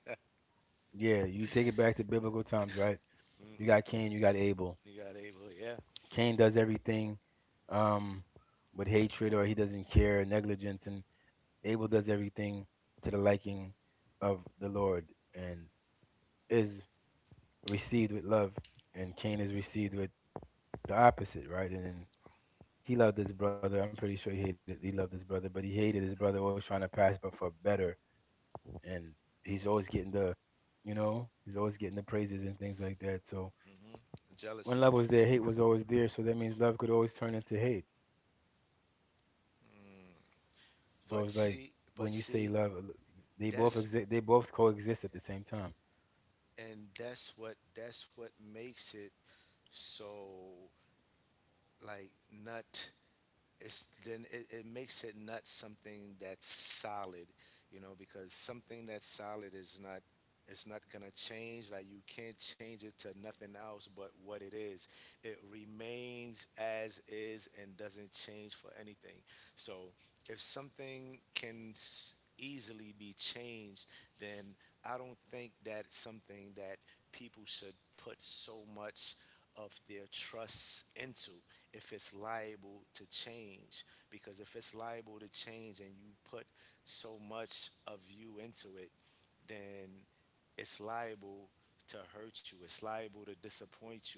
[SPEAKER 2] Yeah, you take it back to biblical times, right?
[SPEAKER 1] hmm
[SPEAKER 2] You got Cain, you got Abel.
[SPEAKER 1] You got Abel, yeah.
[SPEAKER 2] Cain does everything um, with hatred or he doesn't care, negligence, and Abel does everything to the liking of the Lord and is received with love, and Cain is received with the opposite, right? And then he loved his brother. I'm pretty sure he loved his brother, but he hated his brother, always trying to pass but for better, and he's always getting the, you know, he's always getting the praises and things like that. So
[SPEAKER 1] hmm
[SPEAKER 2] when
[SPEAKER 1] Jealousy.
[SPEAKER 2] love was there, hate was always there. So that means love could always turn into hate.
[SPEAKER 1] But
[SPEAKER 2] So it's
[SPEAKER 1] see,
[SPEAKER 2] like
[SPEAKER 1] but
[SPEAKER 2] when you
[SPEAKER 1] see,
[SPEAKER 2] say love, they both
[SPEAKER 1] that's
[SPEAKER 2] exist. They both coexist at the same time.
[SPEAKER 1] that's what makes it so like nut it's then it makes it nut something that's solid, you know, because something that's solid is not, it's not gonna change. Like you can't change it to nothing else but what it is. It remains as is and doesn't change for anything. So if something can easily be changed, then I don't think that something that people should put so much of their trust into if it's liable to change. Because if it's liable to change and you put so much of you into it, then it's liable to hurt you, it's liable to disappoint you.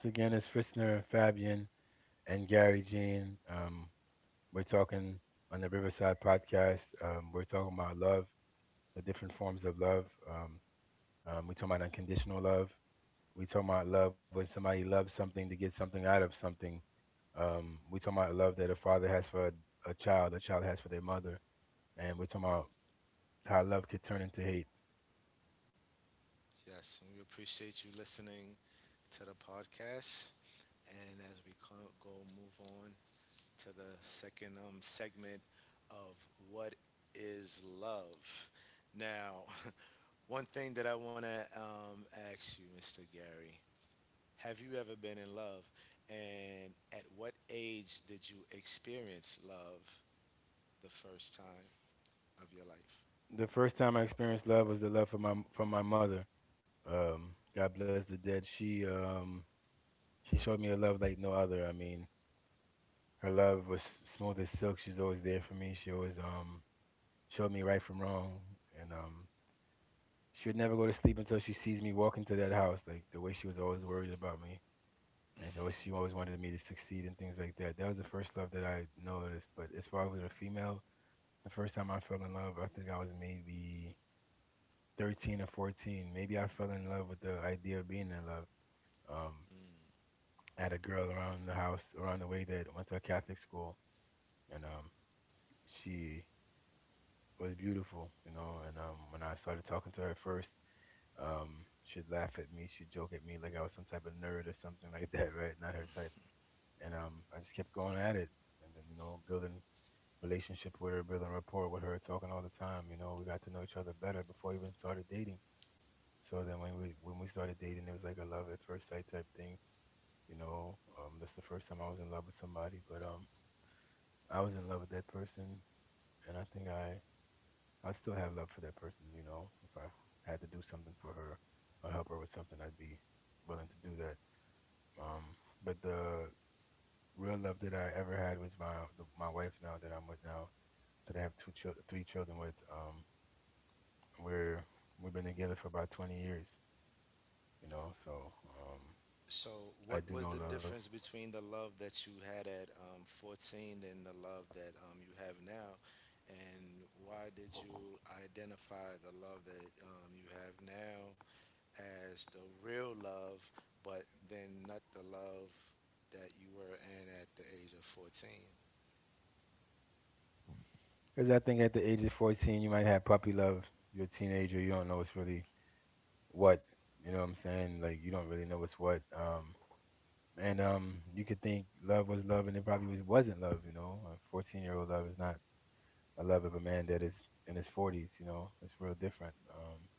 [SPEAKER 2] Once again, it's Fritzner Fabian and Gary Jean. We're talking on the Riverside podcast. We're talking about love, the different forms of love. Um, we're talking about unconditional love. We're talking about love when somebody loves something to get something out of something. We're talking about love that a father has for a child has for their mother, and we're talking about how love could turn into hate.
[SPEAKER 1] Yes, and we appreciate you listening to the podcast. And as we go move on to the second segment of what is love now, [LAUGHS] one thing that I want to ask you, Mr. Gary. Have you ever been in love? And at what age did you experience love the first time of your life?
[SPEAKER 2] The first time I experienced love was the love from my mother. God bless the dead. She showed me a love like no other. I mean, her love was smooth as silk. She's always there for me. She always showed me right from wrong, and she would never go to sleep until she sees me walk into that house. Like the way she was always worried about me, and she always wanted me to succeed and things like that. That was the first love that I noticed. But as far as with a female, the first time I fell in love, I think I was maybe 13 or 14. Maybe I fell in love with the idea of being in love. Um,
[SPEAKER 1] Mm.
[SPEAKER 2] I had a girl around the house, around the way, that went to a Catholic school, and she was beautiful, you know. And When I started talking to her first, um, she'd laugh at me, she'd joke at me like I was some type of nerd or something like that, [LAUGHS] right? Not her type. And I just kept going at it, and then building relationship with her, building rapport with her, talking all the time. You know, we got to know each other better before we even started dating. So then when we started dating, it was like a love at first sight type thing. That's the first time I was in love with somebody, but I was in love with that person, and I think I still have love for that person. You know, if I had to do something for her or help her with something, I'd be willing to do that. Um, but the real love that I ever had was my wife now that I'm with now, that I have two three children with. We're we've been together for about 20 years. You know, so um,
[SPEAKER 1] So, what
[SPEAKER 2] I
[SPEAKER 1] was the
[SPEAKER 2] do know
[SPEAKER 1] difference
[SPEAKER 2] love.
[SPEAKER 1] between the love that you had at 14 and the love that you have now? And why did you identify the love that you have now as the real love, but then not the love that you were in at the age of 14?
[SPEAKER 2] Because I think at the age of 14, you might have puppy love. You're a teenager. You don't know what's really what. You know what I'm saying? Like, you don't really know what's what. And You could think love was love, and it probably wasn't love, you know? A 14-year-old love is not a love of a man that is in his 40s, you know? It's real different.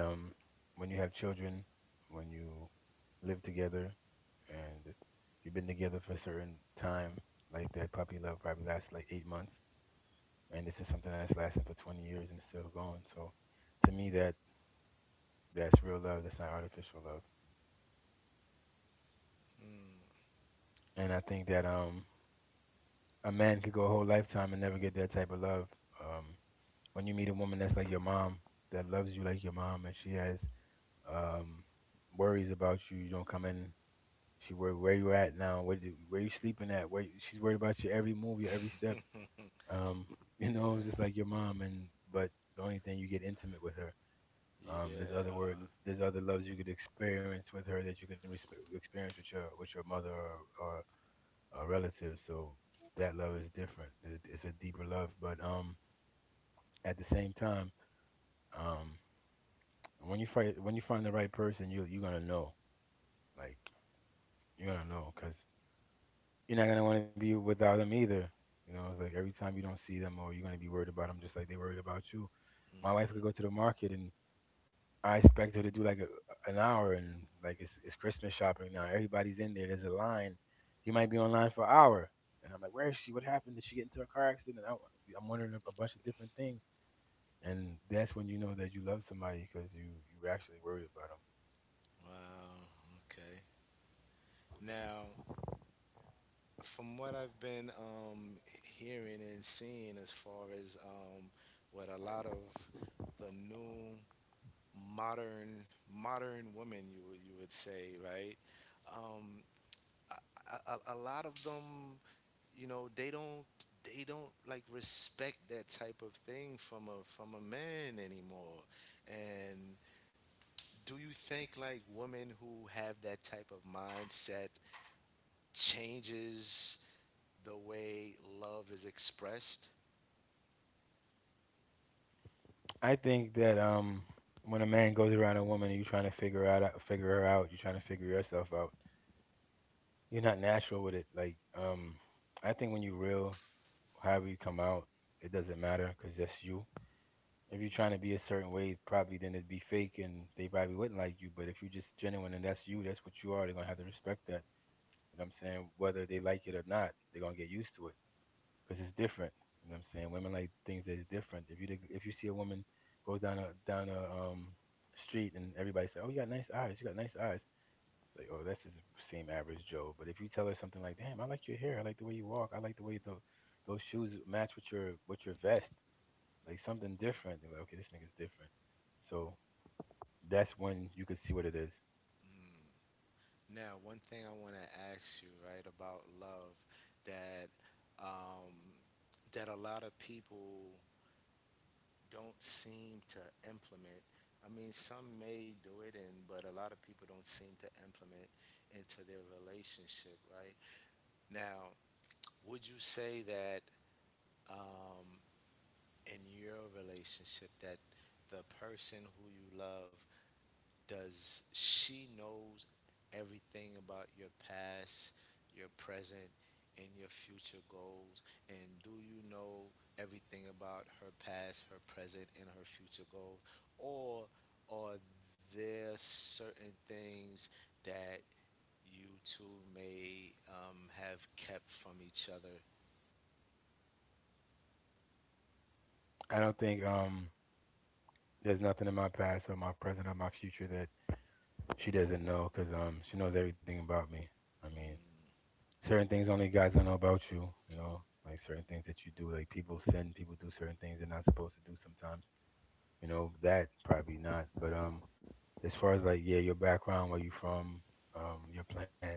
[SPEAKER 2] And When you have children, when you live together, and you've been together for a certain time, like that puppy love probably lasts like 8 months, and this is something that's lasting for 20 years and it's still going. So to me, that's real love. That's not artificial love.
[SPEAKER 1] Mm.
[SPEAKER 2] And I think that a man could go a whole lifetime and never get that type of love. Um, when you meet a woman that's like your mom, that loves you like your mom, and she has um worries about you. You don't come in. She worried where you at now. Where you sleeping at? Where she's worried about your every move, your every step.
[SPEAKER 1] [LAUGHS]
[SPEAKER 2] Um, you
[SPEAKER 1] Yeah.
[SPEAKER 2] know, just like your mom. And but the only thing you get intimate with her. Um, there's other
[SPEAKER 1] Yeah.
[SPEAKER 2] word, there's other loves you could experience with her that you can experience with your mother, or a relative. So that love is different. It's a deeper love, but at the same time, um, when you find the right person, you're gonna know, like you're gonna know, cause you're not gonna want to be without them either. You know, it's like every time you don't see them, or you're gonna be worried about them, just like they worried about you. My wife could go
[SPEAKER 1] hmm
[SPEAKER 2] to the market, and I expect her to do like an hour, and like it's Christmas shopping now. Everybody's in there. There's a line. You might be online for an hour, and I'm like, where is she? What happened? Did she get into a car accident? I'm wondering a bunch of different things, and that's when you know that you love somebody, because you actually worried about them.
[SPEAKER 1] Wow. Okay. Now, from what I've been hearing and seeing, as far as what a lot of the new modern modern women, you would say, right? Um, a lot of them, you know, they don't, they don't like respect that type of thing from a man anymore, and do you think like women who have that type of mindset changes the way love is expressed?
[SPEAKER 2] I think that when a man goes around a woman and you're trying to figure out figure her out, you're trying to figure yourself out. You're not natural with it. I think when you real, however you come out, it doesn't matter because that's you. If you're trying to be a certain way, probably then it'd be fake and they probably wouldn't like you. But if you're just genuine and that's you, that's what you are, they're gonna have to respect that. You know what I'm saying? Whether they like it or not, they're gonna get used to it because it's different. You know what I'm saying? Women like things that's different. If you if you see a woman goes down a street and everybody say, "Oh, you got nice eyes. You got nice eyes." It's like, "Oh, that's just the same average Joe." But if you tell her something like, "Damn, I like your hair. I like the way you walk. I like the way the those shoes match with your vest," like something different. They were like, okay, this nigga's different. So that's when you could see what it is.
[SPEAKER 1] Mm-hmm. Now, one thing I want to ask you, right, about love that um, that a lot of people don't seem to implement. I mean, some may do it, and but a lot of people don't seem to implement into their relationship, right? Now, would you say that um, in your relationship that the person who you love, does she knows everything about your past, your present, and your future goals? And do you know everything about her past, her present, and her future goals? Or are there certain things that you two may have kept from each other?
[SPEAKER 2] I don't think there's nothing in my past or my present or my future that she doesn't know, because she knows everything about me. I mean,
[SPEAKER 1] Mm.
[SPEAKER 2] certain things only guys don't know about you. You know, like certain things that you do. Like people do certain things they're not supposed to do sometimes. You know that probably not. But as far as like yeah your background, where you from, your plans,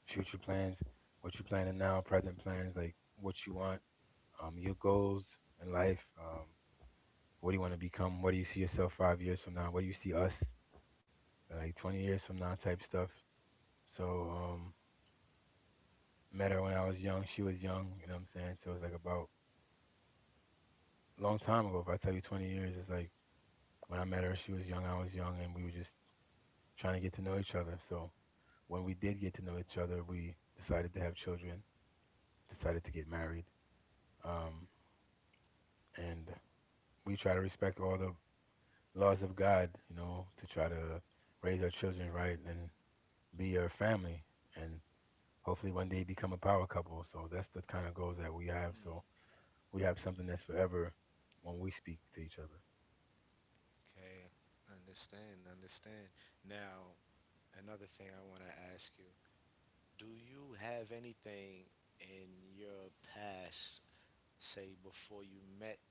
[SPEAKER 2] future plans, what you planning now, present plans, like what you want, your goals in life. What do you want to become? What do you see yourself 5 years from now? What do you see us like 20 years from now type stuff? So, um, Met her when I was young. She was young, you know what I'm saying? So it's like about a long time ago. If I tell you 20 years, it's like when I met her, she was young, I was young, and we were just trying to get to know each other. So when we did get to know each other, we decided to have children, decided to get married, um, and we try to respect all the laws of God, you know, to try to raise our children right and be our family and hopefully one day become a power couple. So that's the kind of goals that we have. So
[SPEAKER 1] Mm.
[SPEAKER 2] we have something that's forever when we speak to each other.
[SPEAKER 1] Okay, understand. Now, another thing I want to ask you, do you have anything in your past, say before you met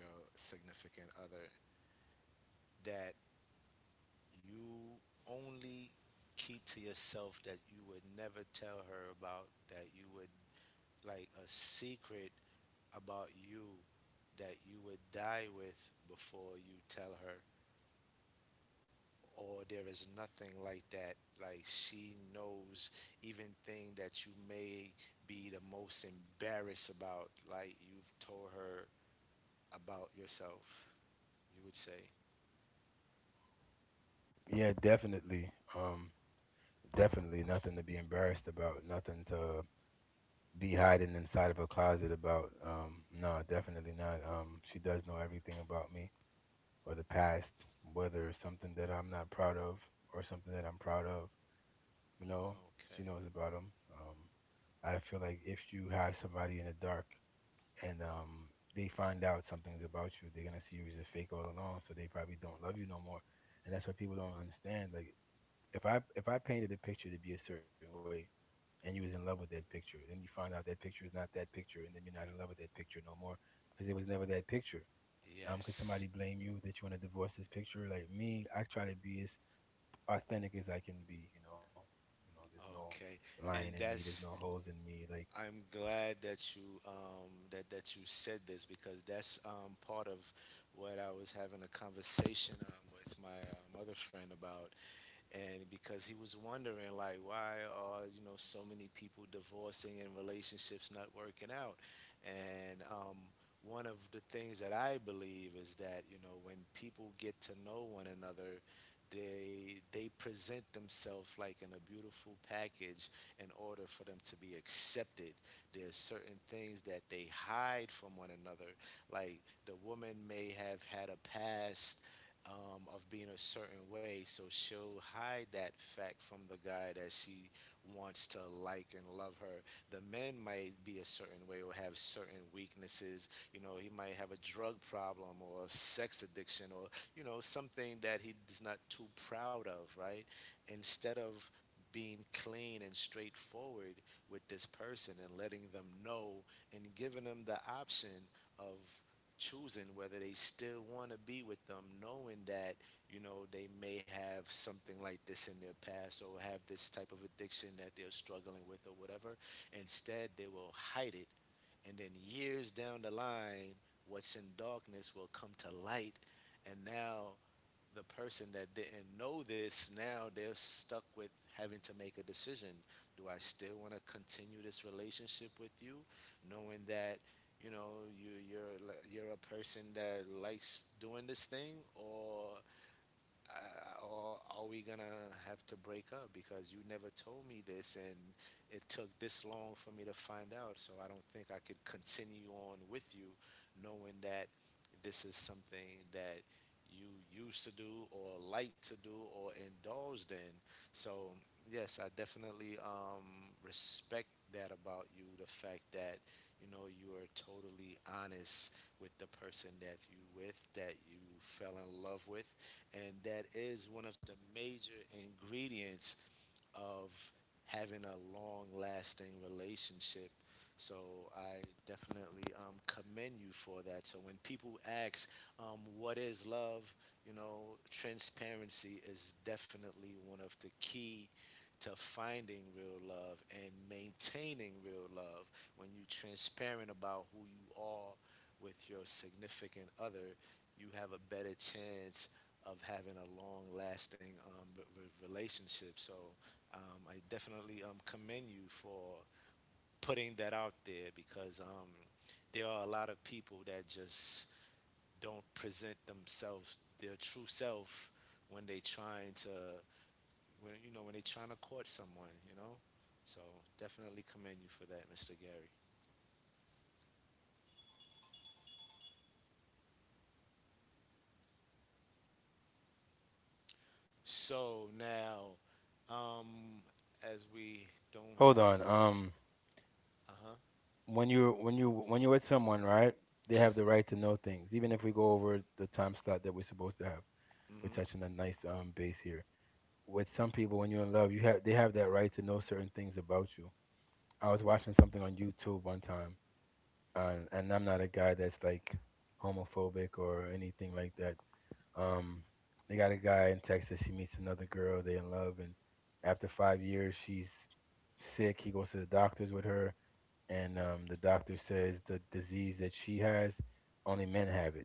[SPEAKER 1] your significant other, that you only keep to yourself that you would never tell her about, that you would, like a secret about you that you would die with before you tell her? Or there is nothing like that. Like she knows even thing that you may be the most embarrassed about. Like you've told her about yourself. You would say,
[SPEAKER 2] Yeah, definitely. Um Definitely nothing to be embarrassed about, nothing to be hiding inside of a closet about. Um, no, definitely not. She does know everything about me or the past, whether it's something that I'm not proud of or something that I'm proud of. You know, she
[SPEAKER 1] okay,
[SPEAKER 2] knows about him. I feel like if you have somebody in the dark, and they find out something's about you, they're gonna see you as a fake all along. So they probably don't love you no more. And that's what people don't understand. Like if I painted a picture to be a certain way, and you was in love with that picture, then you find out that picture is not that picture, and then you're not in love with that picture no more, because it was never that picture. Could
[SPEAKER 1] yes,
[SPEAKER 2] somebody blame you that you want to divorce this picture? Like me, I try to be as authentic as I can be, you know. You know, there's no
[SPEAKER 1] okay,
[SPEAKER 2] lying in
[SPEAKER 1] and
[SPEAKER 2] me, there's no
[SPEAKER 1] that's.
[SPEAKER 2] holes in me. Like
[SPEAKER 1] I'm glad that you that that you said this, because that's part of what I was having a conversation with my other friend about. And because he was wondering, like, why are, you know, so many people divorcing and relationships not working out, and one of the things that I believe is that, you know, when people get to know one another, they present themselves like in a beautiful package in order for them to be accepted. There are certain things that they hide from one another, like the woman may have had a past of being a certain way. So she'll hide that fact from the guy that she wants to like and love her. The man might be a certain way or have certain weaknesses. You know, he might have a drug problem or a sex addiction, or, you know, something that he's not too proud of, right? Instead of being clean and straightforward with this person and letting them know and giving them the option of choosing whether they still want to be with them, knowing that, you know, they may have something like this in their past or have this type of addiction that they're struggling with or whatever. Instead, they will hide it, and then years down the line, what's in darkness will come to light, and now the person that didn't know this, now they're stuck with having to make a decision. Do I still want to continue this relationship with you, knowing that, you know, you're you're a person that likes doing this thing? Or or are we gonna have to break up because you never told me this, and it took this long for me to find out, so I don't think I could continue on with you, knowing that this is something that you used to do or like to do or indulged in. So yes, I definitely respect that about you, the fact that, you know, you are totally honest with the person that you with, that you fell in love with, and that is one of the major ingredients of having a long lasting relationship. So I definitely commend you for that. So when people ask, what is love? You know, transparency is definitely one of the key to finding real love and maintaining real love. When you're transparent about who you are with your significant other, you have a better chance of having a long lasting relationship. So I definitely commend you for putting that out there, because there are a lot of people that just don't present themselves their true self when they trying to, when, you know, when they trying to court someone, you know. So definitely commend you for that, Mr. Gary. So now, um as we don't
[SPEAKER 2] hold
[SPEAKER 1] have,
[SPEAKER 2] on.
[SPEAKER 1] uh-huh,
[SPEAKER 2] When you're with someone, right? They have the right to know things. Even if we go over the time slot that we're supposed to have.
[SPEAKER 1] mm-hmm,
[SPEAKER 2] We're touching a nice base here. With some people when you're in love, you have they have that right to know certain things about you. I was watching something on YouTube one time, and I'm not a guy that's like homophobic or anything like that. Um, they got a guy in Texas. He meets another girl. They in love, and after 5 years, she's sick. He goes to the doctors with her, and the doctor says the disease that she has, only men have it.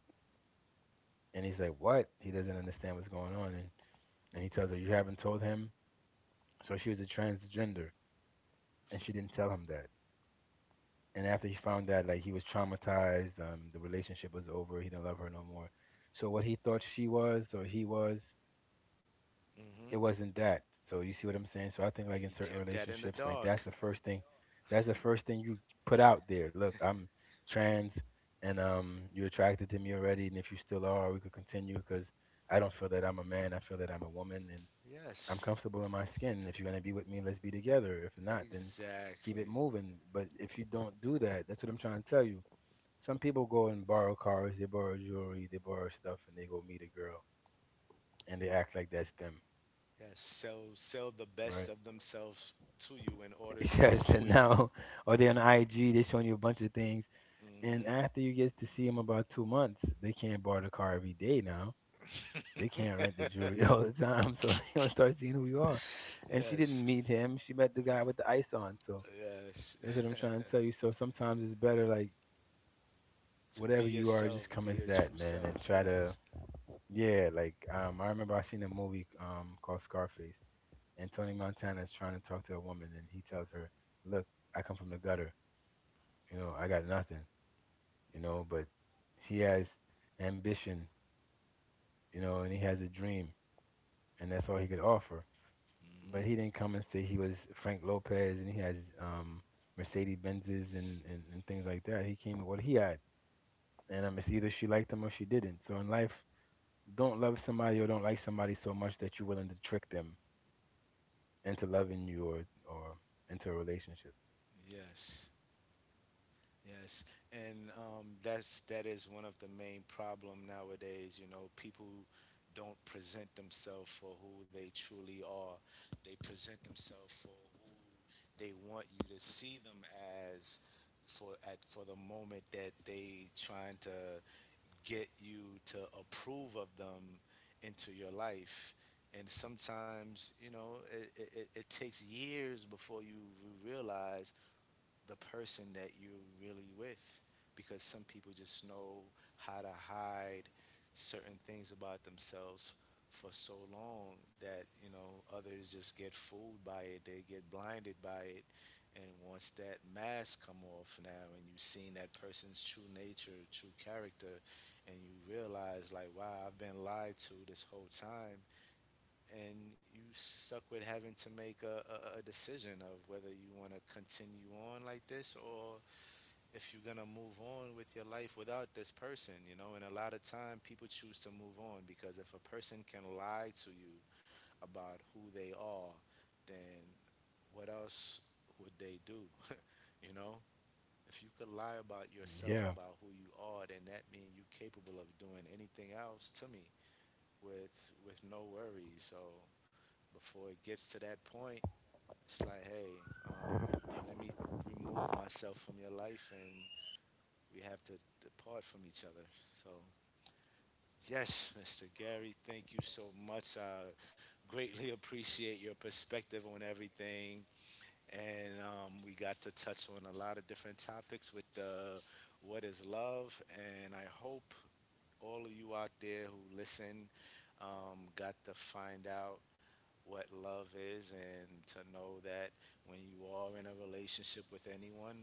[SPEAKER 2] And he's like, "What?" He doesn't understand what's going on, and he tells her, "You haven't told him." So she was a transgender, and she didn't tell him that. And after he found that, like he was traumatized. The relationship was over. He didn't love her no more. So what he thought she was, or he was,
[SPEAKER 1] mm-hmm,
[SPEAKER 2] it wasn't that. So you see what I'm saying? So I think like in
[SPEAKER 1] he
[SPEAKER 2] certain
[SPEAKER 1] kept that in the
[SPEAKER 2] relationships, like
[SPEAKER 1] dark,
[SPEAKER 2] that's the first thing you put out there. Look, I'm trans, and you're attracted to me already, and if you still are, we could continue cuz I don't feel that I'm a man. I feel that I'm a woman, and I'm
[SPEAKER 1] yes,
[SPEAKER 2] comfortable in my skin. If you're going to be with me, let's be together. If not, then keep it
[SPEAKER 1] exactly.
[SPEAKER 2] moving. But if you don't do that, that's what I'm trying to tell you. Some people go and borrow cars, they borrow jewelry, they borrow stuff and they go meet a girl and they act like that's them,
[SPEAKER 1] Yes, sell the best
[SPEAKER 2] right?
[SPEAKER 1] of themselves to you in
[SPEAKER 2] [LAUGHS]
[SPEAKER 1] order to
[SPEAKER 2] Yes, and
[SPEAKER 1] fool you.
[SPEAKER 2] now, or they on IG, they showing you a bunch of things. And
[SPEAKER 1] Hmm
[SPEAKER 2] after you get to see them about 2 months, they can't borrow the car every day now. They can't rent the jewelry [LAUGHS] all the time, so [LAUGHS] they gonna start seeing who you are. And she didn't
[SPEAKER 1] Yes,
[SPEAKER 2] meet him; she met the guy with the ice on. So
[SPEAKER 1] yes.
[SPEAKER 2] that's what I'm trying to tell you. So sometimes it's better, like
[SPEAKER 1] [LAUGHS] To be
[SPEAKER 2] whatever you are,
[SPEAKER 1] yourself,
[SPEAKER 2] just come
[SPEAKER 1] be
[SPEAKER 2] as
[SPEAKER 1] your
[SPEAKER 2] that,
[SPEAKER 1] true
[SPEAKER 2] man, and
[SPEAKER 1] self.
[SPEAKER 2] try to,
[SPEAKER 1] Yes,
[SPEAKER 2] yeah. I remember I seen a movie called Scarface, and Tony Montana is trying to talk to a woman, and he tells her, "Look, I come from the gutter. You know, I got nothing, you know." But he has ambition, you know, and he has a dream, and that's all he could offer. But
[SPEAKER 1] hmm,
[SPEAKER 2] he didn't come and say he was Frank Lopez and he has, um, Mercedes Benzes and things like that. He came with what he had, and it's either she liked him or she didn't. So in life, don't love somebody or don't like somebody so much that you're willing to trick them into loving you, or into a relationship.
[SPEAKER 1] yes. Yes, and that's, that is one of the main problem nowadays. You know, people don't present themselves for who they truly are. They present themselves for who they want you to see them as, for at, for the moment that they trying to get you to approve of them into your life. And sometimes, you know, it takes years before you realize the person that you're really with, because some people just know how to hide certain things about themselves for so long that, you know, others just get fooled by it, they get blinded by it. And once that mask come off now, and you've seen that person's true nature, true character, and you realize, like, wow, I've been lied to this whole time. And you stuck with having to make a decision of whether you want to continue on like this, or if you're going to move on with your life without this person. You know, and a lot of time people choose to move on, because if a person can lie to you about who they are, then what else would they do? [LAUGHS] You know, if you could lie about yourself,
[SPEAKER 2] Yeah.
[SPEAKER 1] about who you are, then that means you're capable of doing anything else to me with no worries. So before it gets to that point, it's like, hey, let me remove myself from your life, and we have to depart from each other. So, yes, Mr. Gary, thank you so much. I greatly [LAUGHS] appreciate your perspective on everything. And we got to touch on a lot of different topics with the what is love. And I hope all of you out there who listen got to find out what love is, and to know that when you are in a relationship with anyone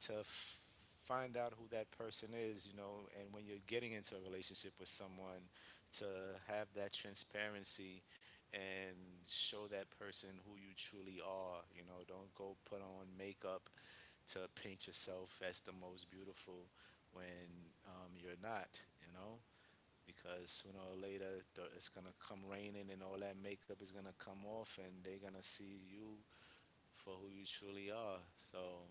[SPEAKER 1] to find out who that person is, you know. And when you're getting into a relationship with someone, to have that transparency and show that person who you truly are. You know, don't go put on makeup to paint yourself as the most beautiful when you're not, you know, because sooner or later it's gonna come raining, and all that makeup is gonna come off, and they're gonna see you for who you truly are. So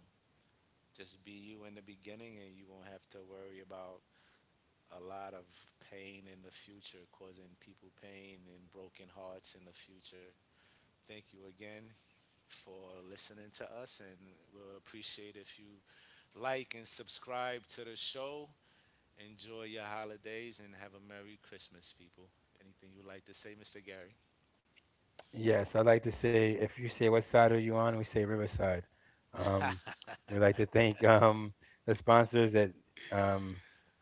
[SPEAKER 1] just be you in the beginning, and you won't have to worry about a lot of pain in the future, causing people pain and broken hearts in the future. Thank you again for listening to us, and we'll appreciate if you like and subscribe to the show. Enjoy your holidays, and have a Merry Christmas, people. Anything you would like to say, Mr. Gary?
[SPEAKER 2] Yes, I like to say if you say what side are you on, we say Riverside. Um, we like to thank [LAUGHS] the sponsors at um,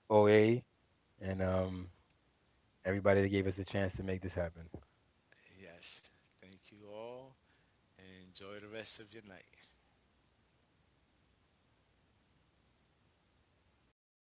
[SPEAKER 2] OA, and everybody that gave us a chance to make this happen.
[SPEAKER 1] Yes. Thank you all, enjoy the rest of your night.